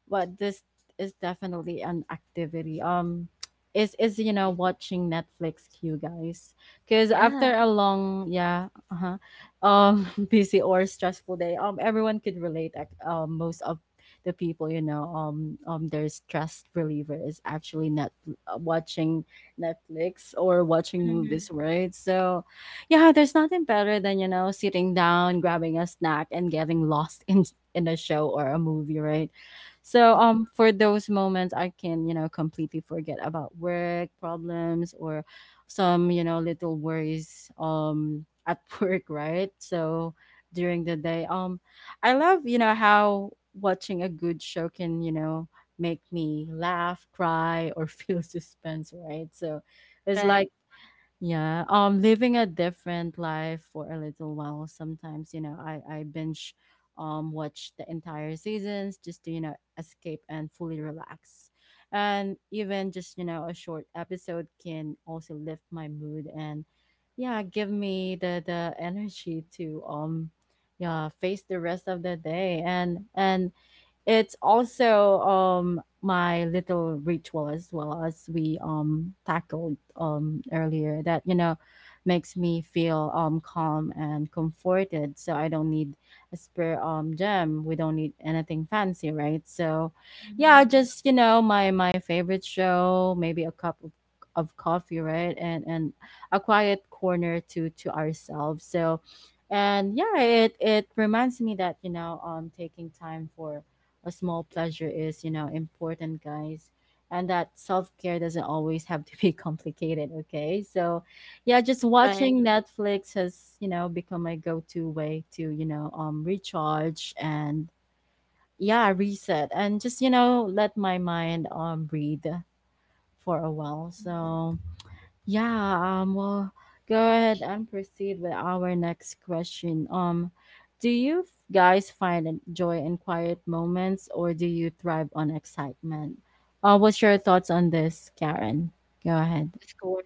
A: but this is definitely an activity. Um, is is you know
B: okay.
A: watching Netflix, you guys, because
B: Yeah,
A: after a long yeah, uh-huh, um, busy or stressful day, um, everyone could relate. Like, Um, most of the people, you know, um, um, their stress reliever is actually net watching Netflix or watching movies,
C: Mhm,
A: right? So, yeah, there's nothing better than, you know, sitting down, grabbing a snack, and getting lost in in a show or a movie, right? So, um for those moments I can, you know, completely forget about work problems or some, you know, little worries um at work, right? So, during the day, um I love, you know, how watching a good show can, you know, make me laugh, cry, or feel suspense, right? So it's
B: right,
A: like, yeah, um, living a different life for a little while. Sometimes, you know, I, I binge um watch the entire seasons just to, you know, escape and fully relax. And even just, you know, a short episode can also lift my mood and yeah, give me the the energy to um yeah, face the rest of the day. And and it's also um my little ritual, as well as we um tackled um earlier, that you know makes me feel um calm and comforted. So I don't need a spare, um Gem, we don't need anything fancy, right? So yeah,
C: mhm.
A: just you know my my favorite show, maybe a cup of, of coffee, right? And and a quiet corner to to ourselves. So, and yeah, it it reminds me that you know um taking time for a small pleasure is, you know, important, guys. And that self care doesn't always have to be complicated, okay? So, yeah, just
B: right.
A: watching Netflix has, you know, become my go to way to, you know, um, recharge and, yeah, reset, and just, you know, let my mind um, breathe for a while.
C: Mm.
A: So, yeah, um, well, go ahead and proceed with our next question. Um, do you f- guys find an- joy in quiet moments, or do you thrive on excitement? Uh, what's your thoughts on this, Karen? Go ahead.
B: Of course.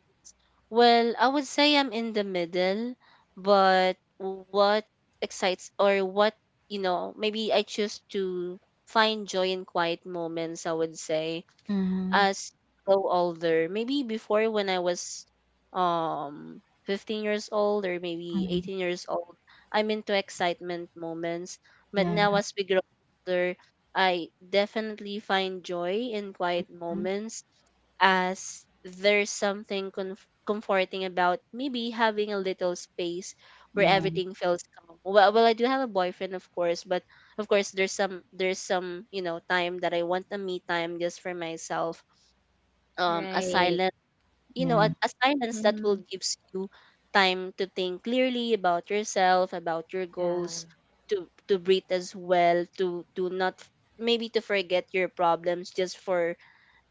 B: Well, I would say I'm in the middle, but what excites or what, you know, maybe I choose to find joy in quiet moments, I would say.
A: Mm-hmm.
B: As grow older. Maybe before when I was um fifteen years old or maybe
A: Hmm.
B: eighteen years old, I'm into excitement moments. But now
A: Yeah.
B: as we grow older, I definitely find joy in quiet moments as there's something conf- comforting about maybe having a little space where
A: Yeah.
B: everything feels calm. Well, well, I do have a boyfriend, of course, but of course there's some there's some you know time that I want a me time just for myself, um a
C: Right.
B: silence, you know,
A: Yeah.
B: a, a silence that will
C: Mhm.
B: gives you time to think clearly about yourself, about your goals,
C: Yeah.
B: to to breathe as well, to to not f- maybe to forget your problems just for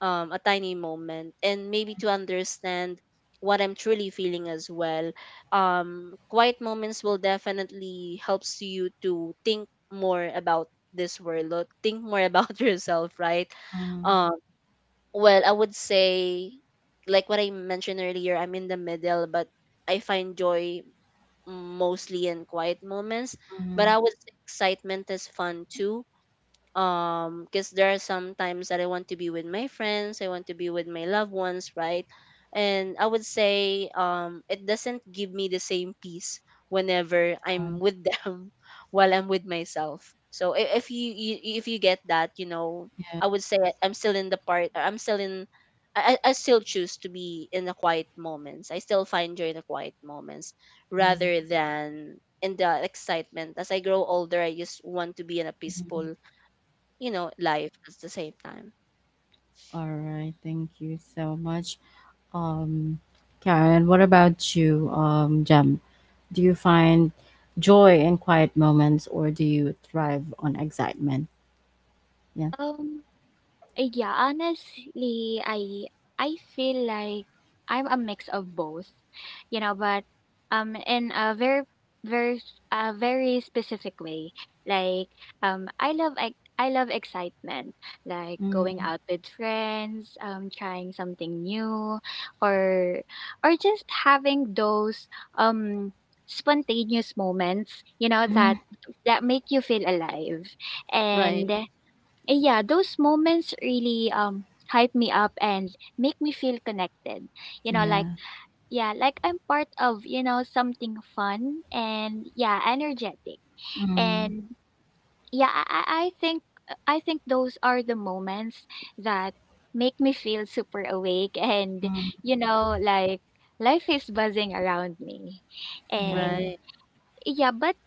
B: um a tiny moment and maybe to understand what I'm truly feeling as well. Um quiet moments will definitely helps you to think more about this world or think more about yourself, right?
A: Mm-hmm.
B: Um, well, I would say, like what I mentioned earlier, I'm in the middle, but I find joy mostly in quiet moments.
A: Mm-hmm.
B: But I would say excitement is fun too, um because there are some times that I want to be with my friends, I want to be with my loved ones, right? And I would say um it doesn't give me the same peace whenever I'm with them while I'm with myself, so i- if you, you if you get that, you know,
A: Yeah.
B: I would say i'm still in the part I'm still in I, I I still choose to be in the quiet moments. I still find joy in the quiet moments
A: Mhm.
B: rather than in the excitement. As I grow older, I just want to be in a peaceful, you know, life at the same time.
A: All right. Thank you so much, um, Karen. What about you, um, Jem? Do you find joy in quiet moments, or do you thrive on excitement? Yeah.
C: Um Uh, yeah, honestly, I I feel like I'm a mix of both, you know, but um in a very very s- a very specific way. Like, um I love I, I love excitement, like going
A: Mm-hmm.
C: out with friends, um trying something new, or or just having those um spontaneous moments, you know, that that make you feel alive.
B: Right,
C: And Eh, yeah, those moments really um hype me up and make me feel connected. You know, like,
A: Yeah.
C: yeah, like, I'm part of, you know, something fun and, yeah, energetic.
A: Mm-hmm.
C: And yeah, I I I think I think those are the moments that make me feel super awake and, you know, like life is buzzing around me. And
A: Yeah.
B: right.
C: yeah, but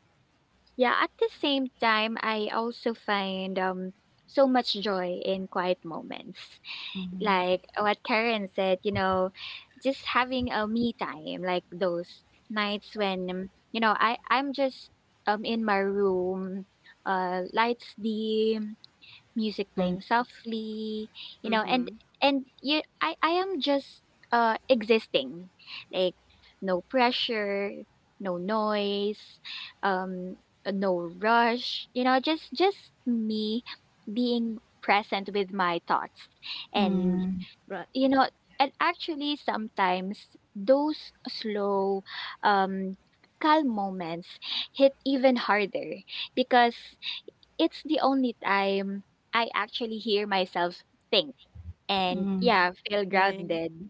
C: yeah, at the same time, I also find um so much joy in quiet moments.
A: Mm-hmm.
C: Like what Karen said, you know, just having a me time, like those nights when, um, you know, I I'm just um in my room, uh lights dim, music playing softly, you know, and
B: Mm-hmm.
C: and you I I am just uh existing, like, no pressure, no noise, um uh, no rush, you know, just just me being present with my thoughts, and,
A: Mm-hmm.
B: Right,
C: you know, and actually sometimes those slow, um calm moments hit even harder because it's the only time I actually hear myself think and, yeah, feel
B: right.
C: grounded.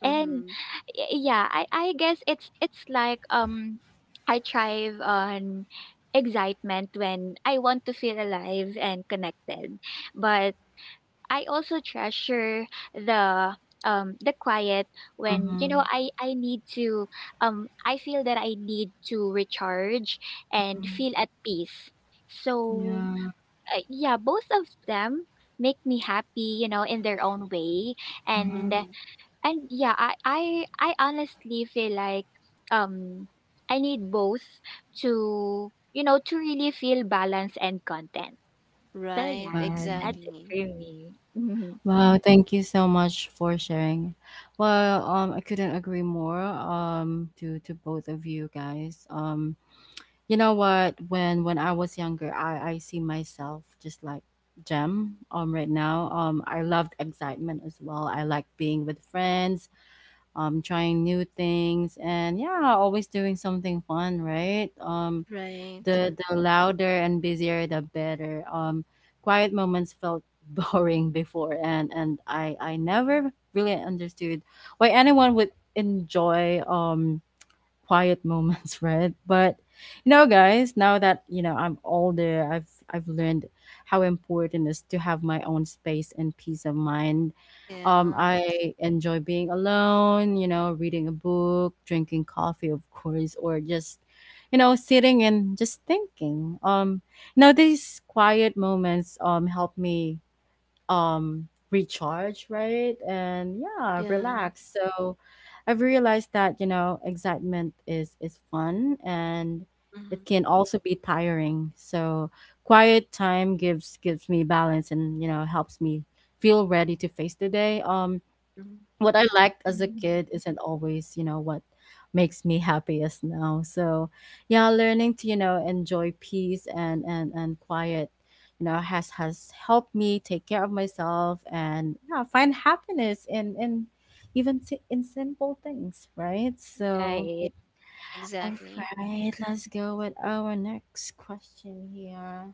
C: And
B: Mm-hmm.
C: y- yeah, I I guess it's it's like um I thrive on excitement when I want to feel alive and connected. But I also treasure the um the quiet when you
A: Mm-hmm.
C: know I I need to um I feel that I need to recharge and feel at peace. So
A: Yeah.
C: uh, yeah, both of them make me happy, you know, in their own way. And
A: Mm-hmm.
B: Mm-hmm.
C: and yeah, I I I honestly feel like um I need both to, you know, to really feel balance and content. So
B: Right,
C: yeah, that's
A: Wow.
C: it
B: exactly.
C: for me.
A: Wow, thank you so much for sharing. Well, um, I couldn't agree more um to to both of you guys. Um, You know what? When when I was younger, I I see myself just like Gem. Um, right now, um, I loved excitement as well. I like being with friends, um, trying new things, and yeah, always doing something fun, right? Um,
B: Right.
A: the the louder and busier, the better. Um, quiet moments felt boring before, and and I I never really understood why anyone would enjoy um quiet moments, right? But you know, guys, now that you know I'm older, I've I've learned how important it is to have my own space and peace of mind. Um,
B: Yeah.
A: I enjoy being alone, you know, reading a book, drinking coffee, of course, or just you know sitting and just thinking. Um you know these quiet moments um help me um recharge, right, and yeah,
B: Yeah.
A: relax. So I've realized that you know excitement is is fun, and
B: Mm-hmm.
A: it can also be tiring. So quiet time gives gives me balance, and you know helps me feel ready to face the day. Um
B: Mm-hmm.
A: what I liked as a
C: Mhm.
A: kid isn't always, you know, what makes me happiest now. So yeah, learning to, you know, enjoy peace and and and quiet, you know, has has helped me take care of myself, and yeah, find happiness in in even si- in simple things, right? So
B: Yeah,
C: Right.
A: all
B: exactly.
A: right, let's go with our next question here.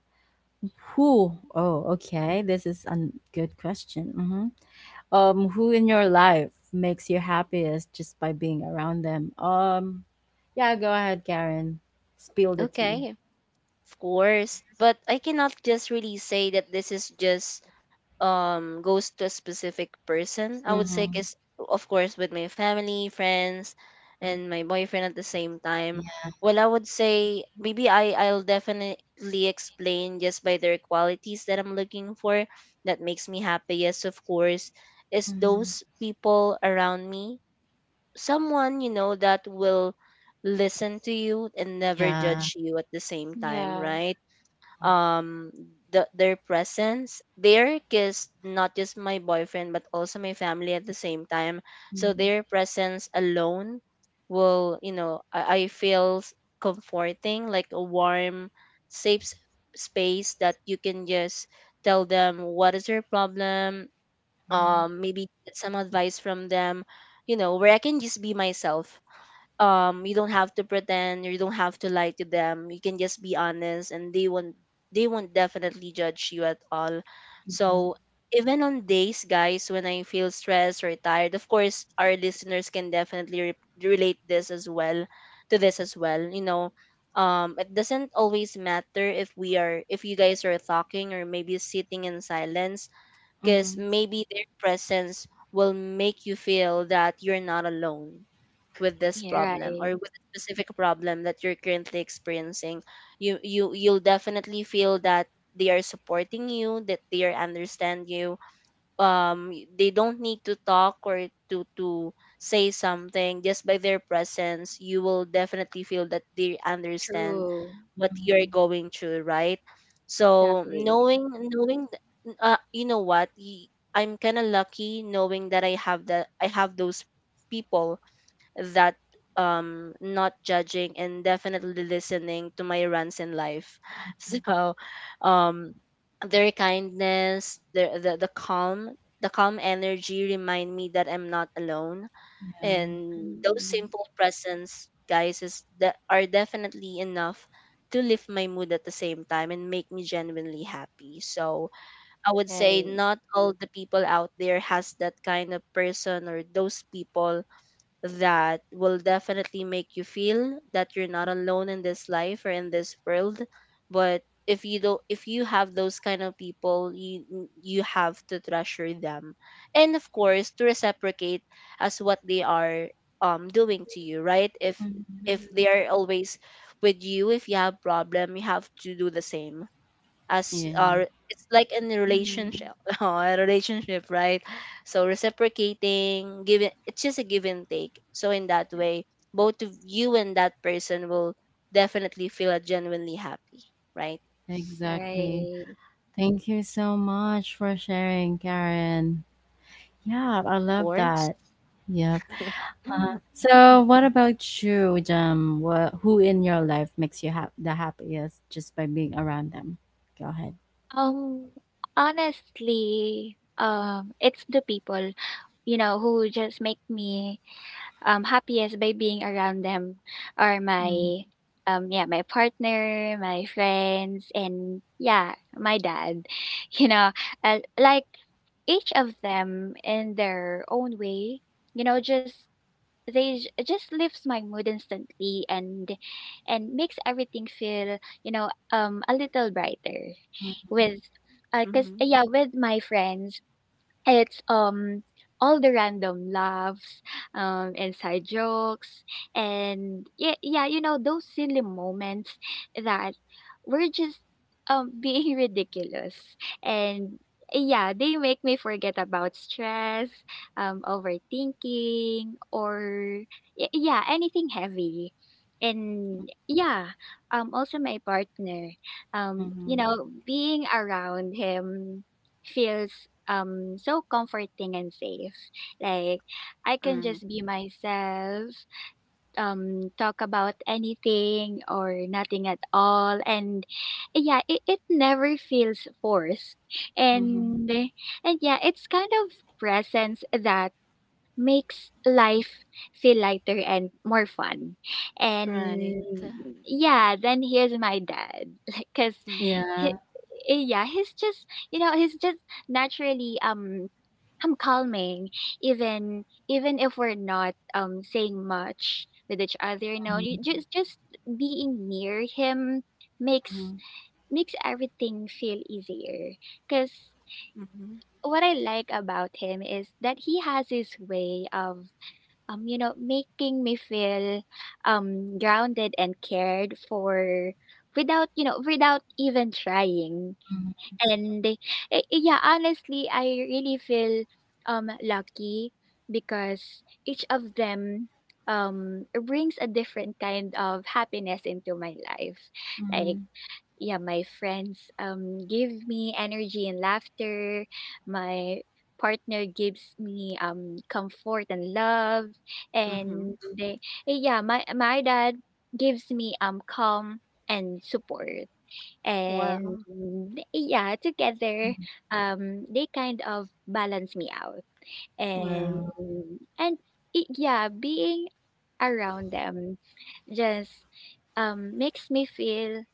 A: Who? Oh, okay. This is a good question. Mm-hmm. Um who in your life makes you happiest just by being around them? Um yeah, go ahead, Karen. Spill the tea.
B: Okay, of course. But I cannot just really say that this is just um goes to a specific person. I would say
A: Mm-hmm.
B: is of course with my family, friends, and my boyfriend at the same time.
A: Yeah.
B: Well, I would say maybe i i'll definitely explain just by their qualities that I'm looking for that makes me happy. Yes, of course, is
A: Mm-hmm.
B: those people around me, someone you know that will listen to you and never
A: Yeah.
B: judge you at the same time,
C: Yeah.
B: right? um the, their presence there, because not just my boyfriend but also my family at the same time. So
A: Mm-hmm.
B: their presence alone will, you know, i, I feel s- comforting, like a warm safe s- space that you can just tell them what is your problem, um maybe get some advice from them, you know, where I can just be myself. Um you don't have to pretend, you don't have to lie to them, you can just be honest and they won't they won't definitely judge you at all.
A: Yeah.
B: So even on days, guys, when I feel stressed or tired, of course our listeners can definitely re- relate this as well, to this as well, you know. Um it doesn't always matter if we are, if you guys are talking or maybe sitting in silence, because
A: Mm-hmm.
B: maybe their presence will make you feel that you're not alone with this
C: Yeah,
B: problem
C: right.
B: or with a specific problem that you're currently experiencing. You you you'll definitely feel that they are supporting you, that they are understand you. um they don't need to talk or to to say something, just by their presence you will definitely feel that they understand
C: True.
B: what you're going through, right? So
C: Exactly.
B: knowing, knowing th- uh, you know what y- I'm kind of lucky knowing that i have that I have those people that, um not judging and definitely listening to my runs in life. So um their kindness, their the, the calm, the calm energy remind me that I'm not alone,
A: Yeah.
B: and those
C: Mm.
B: simple presence, guys, is that are definitely enough to lift my mood at the same time and make me genuinely happy. So I would say
C: Right.
B: not all the people out there has that kind of person or those people that will definitely make you feel that you're not alone in this life or in this world. But if you don't, if you have those kind of people, you you have to treasure them, and of course to reciprocate as what they are um doing to you, right? if
A: Mm-hmm.
B: if
C: Mhm.
B: they are always with you, if you have problem, you have to do the same. As
A: Yeah.
B: uh, it's like in a
C: Mm.
B: relationship a relationship, right? So reciprocating, giving, it's just a give and take, so in that way both of you and that person will definitely feel genuinely happy, right? Of
A: Exactly.
C: Right.
A: Thank you so much for sharing, Karen. Yeah, I love
B: course.
A: that. Yep. Uh,
B: Mm-hmm.
A: so what about you, Jam? What, who in your life makes you hap the happiest just by being around them? Go ahead.
C: Um, Honestly, um, it's the people, you know, who just make me um happiest by being around them are
A: Mm,
C: my um yeah, my partner, my friends, and yeah, my dad. You know, uh, like each of them in their own way, you know, just they j- just lifts my mood instantly and and makes everything feel you know um a little brighter
A: mm,
C: with because
B: Mm,
C: yeah with my friends it's um all the random laughs um and side jokes and yeah yeah you know those silly moments that were just um being ridiculous and yeah they make me forget about stress, um overthinking, or y- yeah, anything heavy. And yeah, um also my partner, um you
A: mhm,
C: know, being around him feels um so comforting and safe. Like I can just be myself, um talk about anything or nothing at all, and yeah, it, it never feels forced.
A: mhm.
C: And and yeah, it's kind of presence that makes life feel lighter and more fun. And
B: right.
C: yeah, then here's my dad, cause
B: Mm-hmm.
C: he,
A: Yeah.
C: yeah, he's just you know he's just naturally um um calming, even even if we're not um saying much with each other. You know, you
A: Mm,
C: just just being near him makes
A: mhm,
C: makes everything feel easier. Cause
B: Mm-hmm.
C: what I like about him is that he has his way of, um, you know, making me feel um grounded and cared for without, you know, without even trying.
A: mhm,
C: And eh, eh, yeah, honestly, I really feel um lucky because each of them um brings a different kind of happiness into my life. Like
A: mhm.
C: yeah, my friends um give me energy and laughter. My partner gives me um comfort and love,
B: Mm-hmm.
C: and they, eh, yeah, my my dad gives me um calm and support. And
B: Wow,
C: eh, yeah, together um they kind of balance me out. And
B: yeah,
A: Wow.
C: and eh, yeah, being around them just um makes me feel,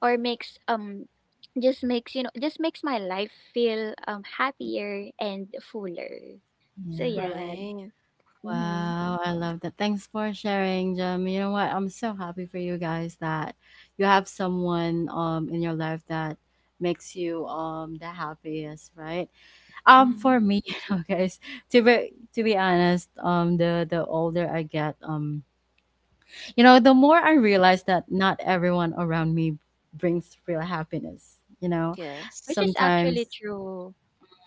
C: or makes um just makes, you know, just makes my life feel um happier and fuller. So yeah,
A: Yeah.
C: that,
B: right.
C: mm-hmm.
A: Wow. I love that. Thanks for sharing, Jam. You know what? I'm so happy for you guys that you have someone um in your life that makes you um the happiest, right? Um,
B: Mm-hmm.
A: for me, you know, guys, to be to be honest, um, the the older I get, um, you know, the more I realize that not everyone around me brings real happiness. You know,
B: Yes.
C: Which is actually
A: sometimes,
C: true.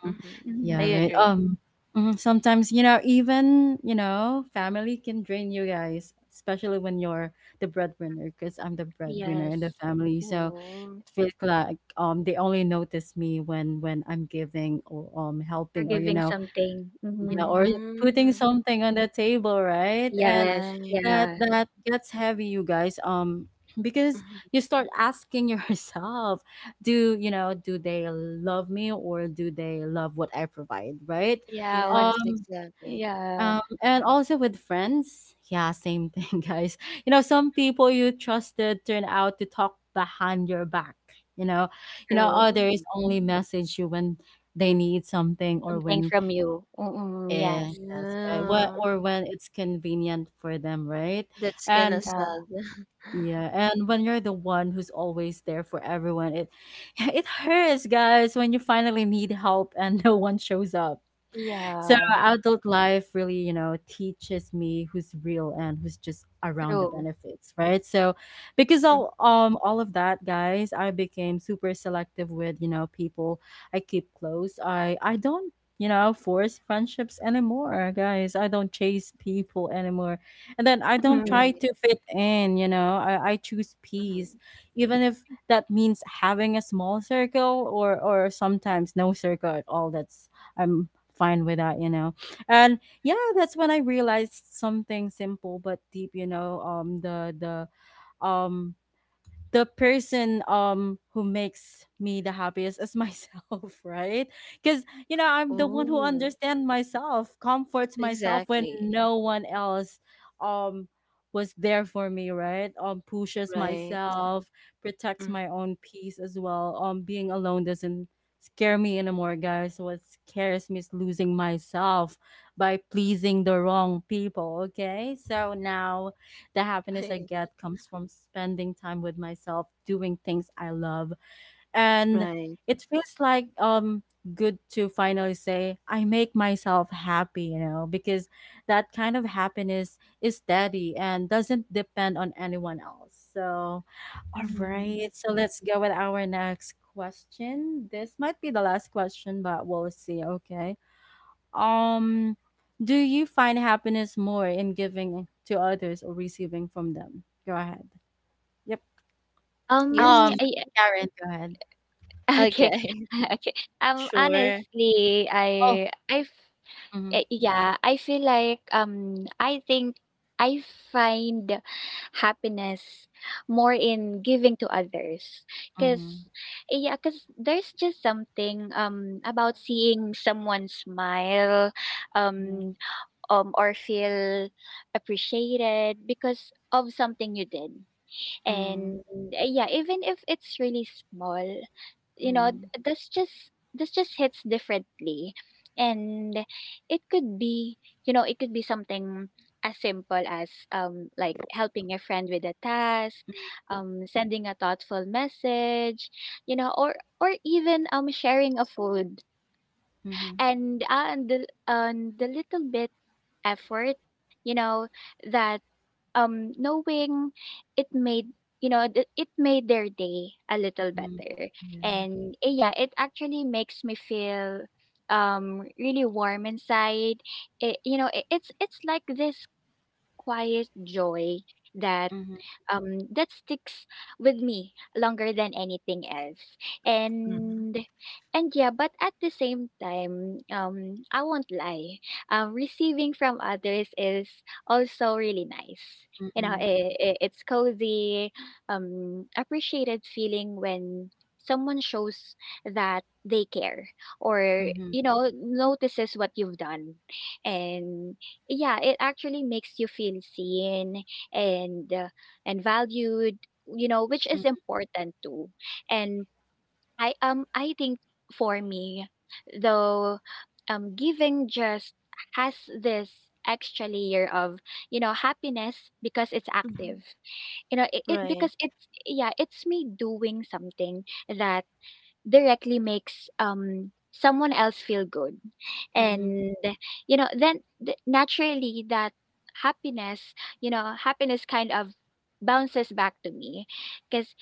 A: mm,
B: Mm-hmm.
A: yeah,
B: I
C: Mm-hmm.
A: right.
B: agree.
A: Um, mhm, sometimes you know, even you know, family can drain you, guys, especially when you're the breadwinner. Because I'm the breadwinner in the
C: Yes,
A: family, so
B: Mm-hmm.
A: it feels like um they only notice me when when I'm giving or um
C: you're
A: helping or you
C: giving
A: know
C: something. Mm-hmm.
A: yeah, or putting something on the table, right? And
C: Yes,
A: that
C: yeah,
B: Right.
A: that gets heavy, you guys. Um, because
B: Mm-hmm.
A: you start asking yourself, do you know, do they love me or do they love what I provide, right?
C: yeah.
B: Yes,
C: What's
A: Um,
B: exactly.
C: yeah
A: um, and also with friends, yeah, same thing, guys. You know, some people you trusted turn out to talk behind your back. You know, you know,
C: true?
B: Oh,
A: others only message you when they need something, or
C: Something
A: when
C: from you. Mm-mm,
A: yeah,
C: yes.
A: that's right. Well,
B: yeah.
A: or when it's convenient for them, right?
B: That's kind
A: And
B: of
C: Uh,
B: sad.
A: yeah, and when you're the one who's always there for everyone, it it hurts, guys, when you finally need help and no one shows up. So
C: yeah,
A: adult life really, you know, teaches me who's real and who's just around the
C: true.
A: benefits, right? So because
B: Mm,
A: all um all of that, guys, I became super selective with, you know, people I keep close. I I don't, you know, force friendships anymore, guys. I don't chase people anymore. And then I don't
C: Mm-hmm.
A: try
B: right.
A: to fit in, you know. I, I choose peace.
B: Mhm.
A: Even if that means having a small circle or or sometimes no circle at all. That's I'm fine with that, you know. And yeah, that's when I realized something simple but deep, you know, um the the um the person um who makes me the happiest is myself right. Because you know, I'm the
C: Mm-hmm.
A: one who
B: Oh,
A: understands myself, comforts myself when
B: exactly.
A: no one else um was there for me. Right. Um pushes
B: Right.
A: myself, protects
B: Mm.
A: my own peace as well. Um being alone doesn't scare me anymore, guys. What scares me is losing myself by pleasing the wrong people. Okay, so now the
B: I
A: happiness I
B: agree.
A: get comes from spending time with myself, doing things I love. And
B: Right.
A: it feels like um good to finally say I make myself happy, you know, because that kind of happiness is steady and doesn't depend on anyone else. So, all right.
C: Mm-hmm.
A: So let's go with our next question. This might be the last question, but we'll see, okay? Um, do you find happiness more in giving to others or receiving from them? Go ahead. Yep.
B: Yes.
C: Um,
A: Um,
C: I
A: Karen, go ahead.
C: Okay.
B: Okay.
C: Okay. Um,
B: Sure.
C: honestly,
A: Oh.
C: I I f-
A: Mm-hmm,
C: eh, yeah, I feel like um I think I find happiness more in giving to others
A: mm-hmm,
C: because yeah because there's just something um about seeing someone smile um um or feel appreciated because of something you did. And
A: mm-hmm,
C: uh, yeah, even if it's really small, you know,
A: mm-hmm,
C: th- that's just this just hits differently. And it could be, you know, it could be something as simple as um like helping a friend with a task, um sending a thoughtful message, you know, or or even um sharing a food.
A: mm-hmm,
C: And uh, and the and the little bit effort, you know, that, um, knowing it made, you know th- it made their day a little
A: mm-hmm.
C: better,
A: Yeah.
C: and eh, yeah, it actually makes me feel um really warm inside. It, you know, it, it's it's like this quiet joy that,
A: Mm-hmm,
C: um, that sticks with me longer than anything else.
B: Mhm.
C: And and yeah, but at the same time, um, I won't lie. Um, receiving from others is also really nice. You know,
A: mm-hmm,
C: it, it, it's cozy, um, appreciated feeling when someone shows that they care or,
A: mm-hmm,
C: you know, notices what you've done. And yeah, it actually makes you feel seen and, uh, and valued, you know, which is important too. And I um I think for me, though, um giving just has this extra layer of, you know, happiness because it's active,
B: Mhm.
C: you know, it, it
B: Right.
C: because it's yeah, it's me doing something that directly makes um someone else feel good,
A: mm-hmm,
C: and you know, then, th- naturally, that happiness, you know, happiness kind of bounces back to me because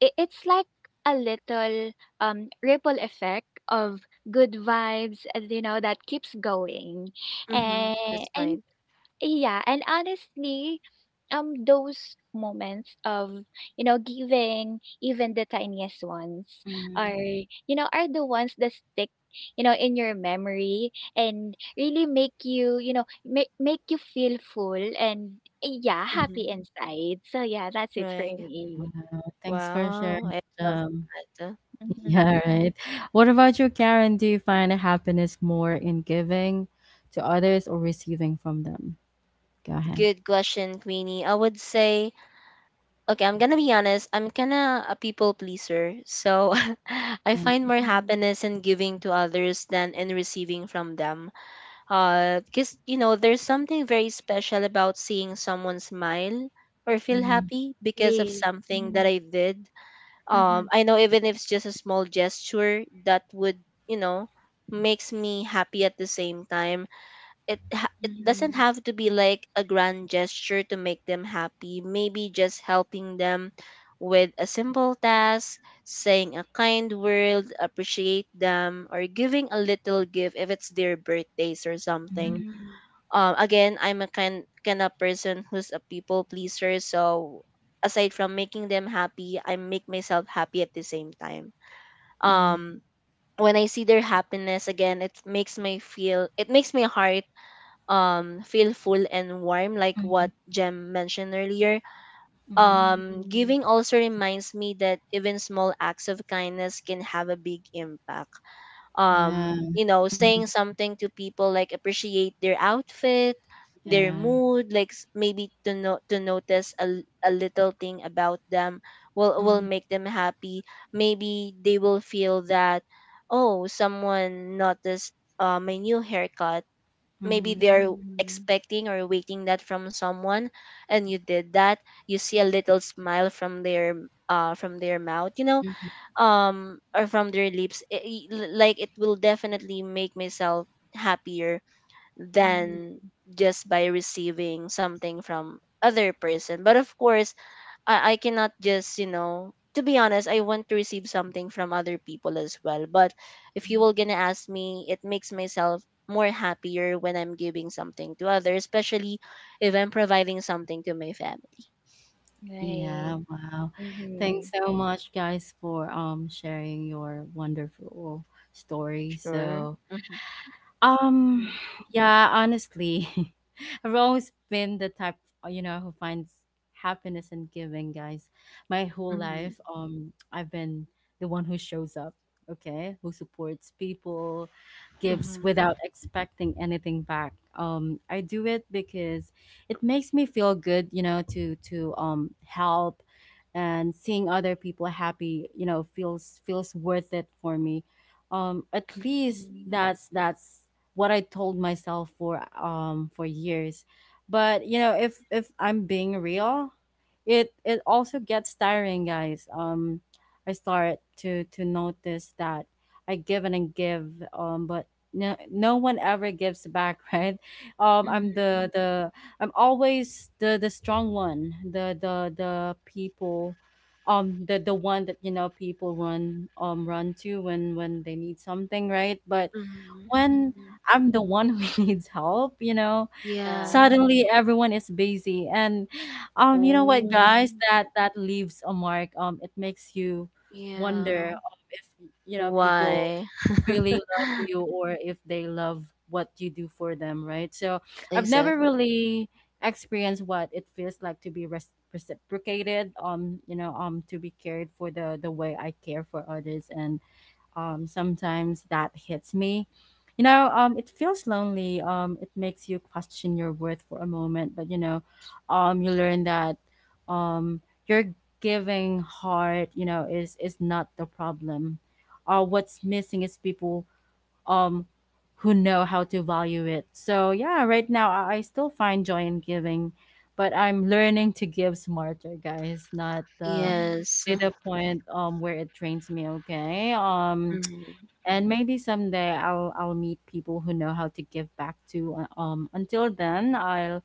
C: it's like a little um ripple effect of good vibes, uh, you know, that keeps going.
B: Hmm.
C: and
B: That's
C: and
B: right.
C: yeah, and honestly, um, those moments of, you know, giving, even the tiniest ones,
A: mm-hmm.
C: are, you know, are the ones that stick, you know, in your memory and really make you you know make make you feel full and, eh, yeah, happy
B: Hmm.
C: inside. So yeah, that's it for
B: Right.
C: me.
A: Wow. Thanks for
B: Wow.
A: sharing.
B: I love
A: Um,
B: that.
C: Mm-hmm,
A: yeah, right. What about you, Karen? Do you find happiness more in giving to others or receiving from them? Go ahead.
B: Good question, Queenie. I would say okay, I'm gonna be honest. I'm kinda a people pleaser, so I find more
C: mm-hmm.
B: happiness in giving to others than in receiving from them. Uh, because you know, there's something very special about seeing someone smile or
A: Yeah.
B: feel happy because of
C: Real.
B: something that
C: Mm-hmm,
B: I did. Um, I know even if it's just a small gesture that would, you know, makes me happy at the same time. It ha- it doesn't
C: mm-hmm,
B: have to be like a grand gesture to make them happy, maybe just helping them with a simple task, saying a kind word, appreciate them, or giving a little gift if it's their birthdays or something.
A: Mhm,
C: mm-hmm,
B: Um again, I'm a kind kind of person who's a people pleaser, so aside from making them happy I make myself happy at the same time.
A: mhm,
B: um when I see their happiness, again it makes me feel, it makes my heart um feel full and warm, like what
A: Mhm.
B: Jem mentioned earlier.
A: Mhm.
C: mm-hmm,
B: Um
C: mm-hmm,
B: giving also reminds me that even small acts of kindness can have a big impact.
A: Yeah.
B: Um you know,
A: Mhm.
B: saying something to people, like appreciate their outfit, their
A: Yeah.
B: mood, like s- maybe to no- to notice a, l- a little thing about them will will
A: Mhm,
B: make them happy. Maybe they will feel that oh, someone noticed, uh, my new haircut, maybe
A: mhm,
B: they're
C: mm-hmm,
B: expecting or waiting that from someone, and you did that. You see a little smile from their, uh, from their mouth, you know,
A: mhm.
B: um or from their lips, it, it- l- like it will definitely make myself happier than
C: mm-hmm.
B: just by receiving something from other person. But of course, I, I cannot just, you know, to be honest, I want to receive something from other people as well. But if you were gonna ask me, it makes myself more happier when I'm giving something to others, especially if I'm providing something to my family.
C: Right.
A: Yeah, wow. Thanks
C: Mhm.
A: so much guys for um sharing your wonderful story.
B: Sure.
A: So.
B: Mm-hmm.
A: Um,
C: Mhm,
A: yeah, honestly, I've always been the type, uh, you know, who finds happiness in giving, guys. My whole
B: Mm-hmm.
A: life, um, I've been the one who shows up, okay, who supports people, gives
B: Mm-hmm.
A: without expecting anything back. Um, I do it because it makes me feel good, you know, to to um help, and seeing other people happy, you know, feels feels worth it for me. Um at least
C: mhm.
A: that's that's what I told myself for um for years. But you know, if if I'm being real, it it also gets tiring, guys um I start to to notice that I give and I give, um but no, no one ever gives back. Right. um
C: Mhm,
A: i'm the the I'm always the the strong one, the the the people, um, the the one that, you know, people run um run to when when they need something, right? But
B: Mm-hmm.
A: when
C: mhm.
A: I'm the one who needs help, you know,
C: Yeah.
B: Yeah.
A: suddenly everyone is busy. And um you know what,
B: Oh.
A: guys, that that leaves a mark. Um it makes you wonder,
B: Yeah.
A: um, if, you know, people
B: Why?
A: really love you, or if they love what you do for them, right? So I've never
B: Exactly.
A: really experienced what it feels like to be res- reciprocated, um you know um to be cared for the the way I care for others. And um, sometimes that hits me. You know, um, it feels lonely. Um, it makes you question your worth for a moment, but you know, um, you learn that, um, your giving heart, you know, is is not the problem. Uh, what's missing is people um who know how to value it. So yeah, right now I I still find joy in giving, but I'm learning to give smarter, guys, not the
C: Mhm.
B: Yes.
A: to the point um where it drains me. Okay. Um and maybe someday I'll I'll meet people who know how to give back to. Uh, Um, until then, I'll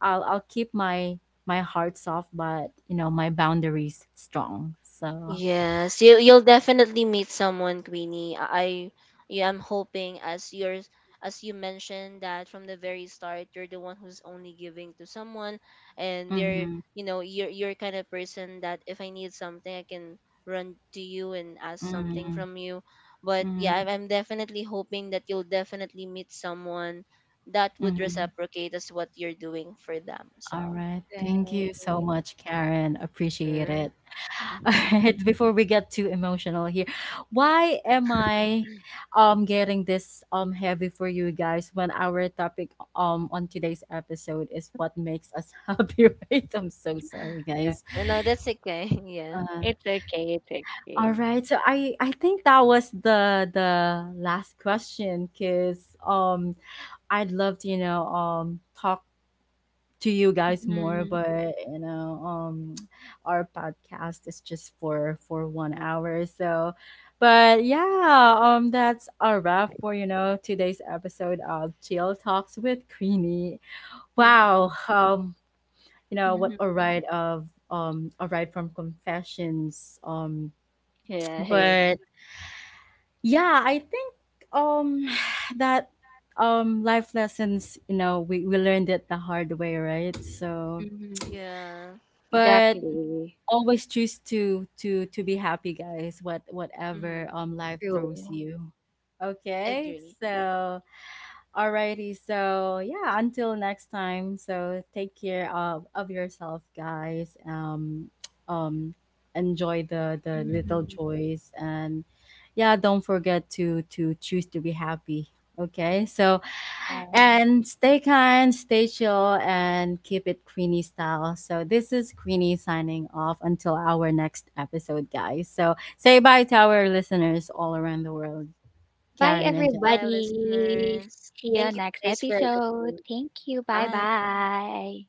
A: I'll I'll keep my my heart soft, but you know, my boundaries strong. So.
B: Yes, you you'll definitely meet someone, Queenie. I yeah, I'm hoping as yours, as you mentioned that from the very start you're the one who's only giving to someone, and they're
A: Mm-hmm,
B: you know, you're you're kind of person that if I need something I can run to you and ask something
A: mm-hmm,
B: from you. But
A: mm-hmm.
B: yeah, I'm I'm definitely hoping that you'll definitely meet someone that would
A: Mm-hmm.
B: reciprocate as what you're doing for them.
A: All
B: So
A: right. Thank you so
C: Right.
A: much, Karen. Appreciate
B: sure.
A: it. All
B: Hmm.
A: right, before we get too emotional here, why am I um getting this um heavy for you guys when our topic um on today's episode is what makes us happy, right? I'm so sorry,
C: Yeah.
A: guys.
B: No, no, that's okay. Yeah.
A: Uh,
C: It's okay, it's
A: all
C: okay.
A: right, so I I think that was the the last question, because um I'd love to, you know um talk to you guys more,
C: Mhm,
A: but, you know um our podcast is just for for one hour. So but yeah, um that's a wrap for, you know today's episode of Chill Talks with Queenie.
B: Hmm.
A: Wow. Um you know, what
C: mhm.
A: a ride of um a ride from confessions. Um
C: Right.
A: but yeah, I think um that, um life lessons, you know, we we learned it the hard way, right? So
C: Mhm.
B: Yeah.
A: but
C: Exactly.
A: always choose to to to be happy, guys, what
B: Mm-hmm.
A: whatever um life throws
C: True.
A: you. Okay,
B: Agree.
A: so Alrighty, so yeah, until next time. So take care of, of yourself, guys. Um, um, Enjoy the the little
C: Mhm.
A: joys, and yeah, don't forget to to choose to be happy. Okay, so
C: Yeah.
A: and stay kind, stay chill, and keep it Queenie style. So this is Queenie signing off until our next episode, guys. So say bye to our listeners all around the world,
C: Bye,
A: Karen and
B: Goodbye,
A: Jen.
C: everybody.
B: listeners.
C: See
B: Thank
C: you
B: you
C: next
B: guys for
C: episode.
B: listening.
C: Thank you. Bye
B: Bye.
C: bye.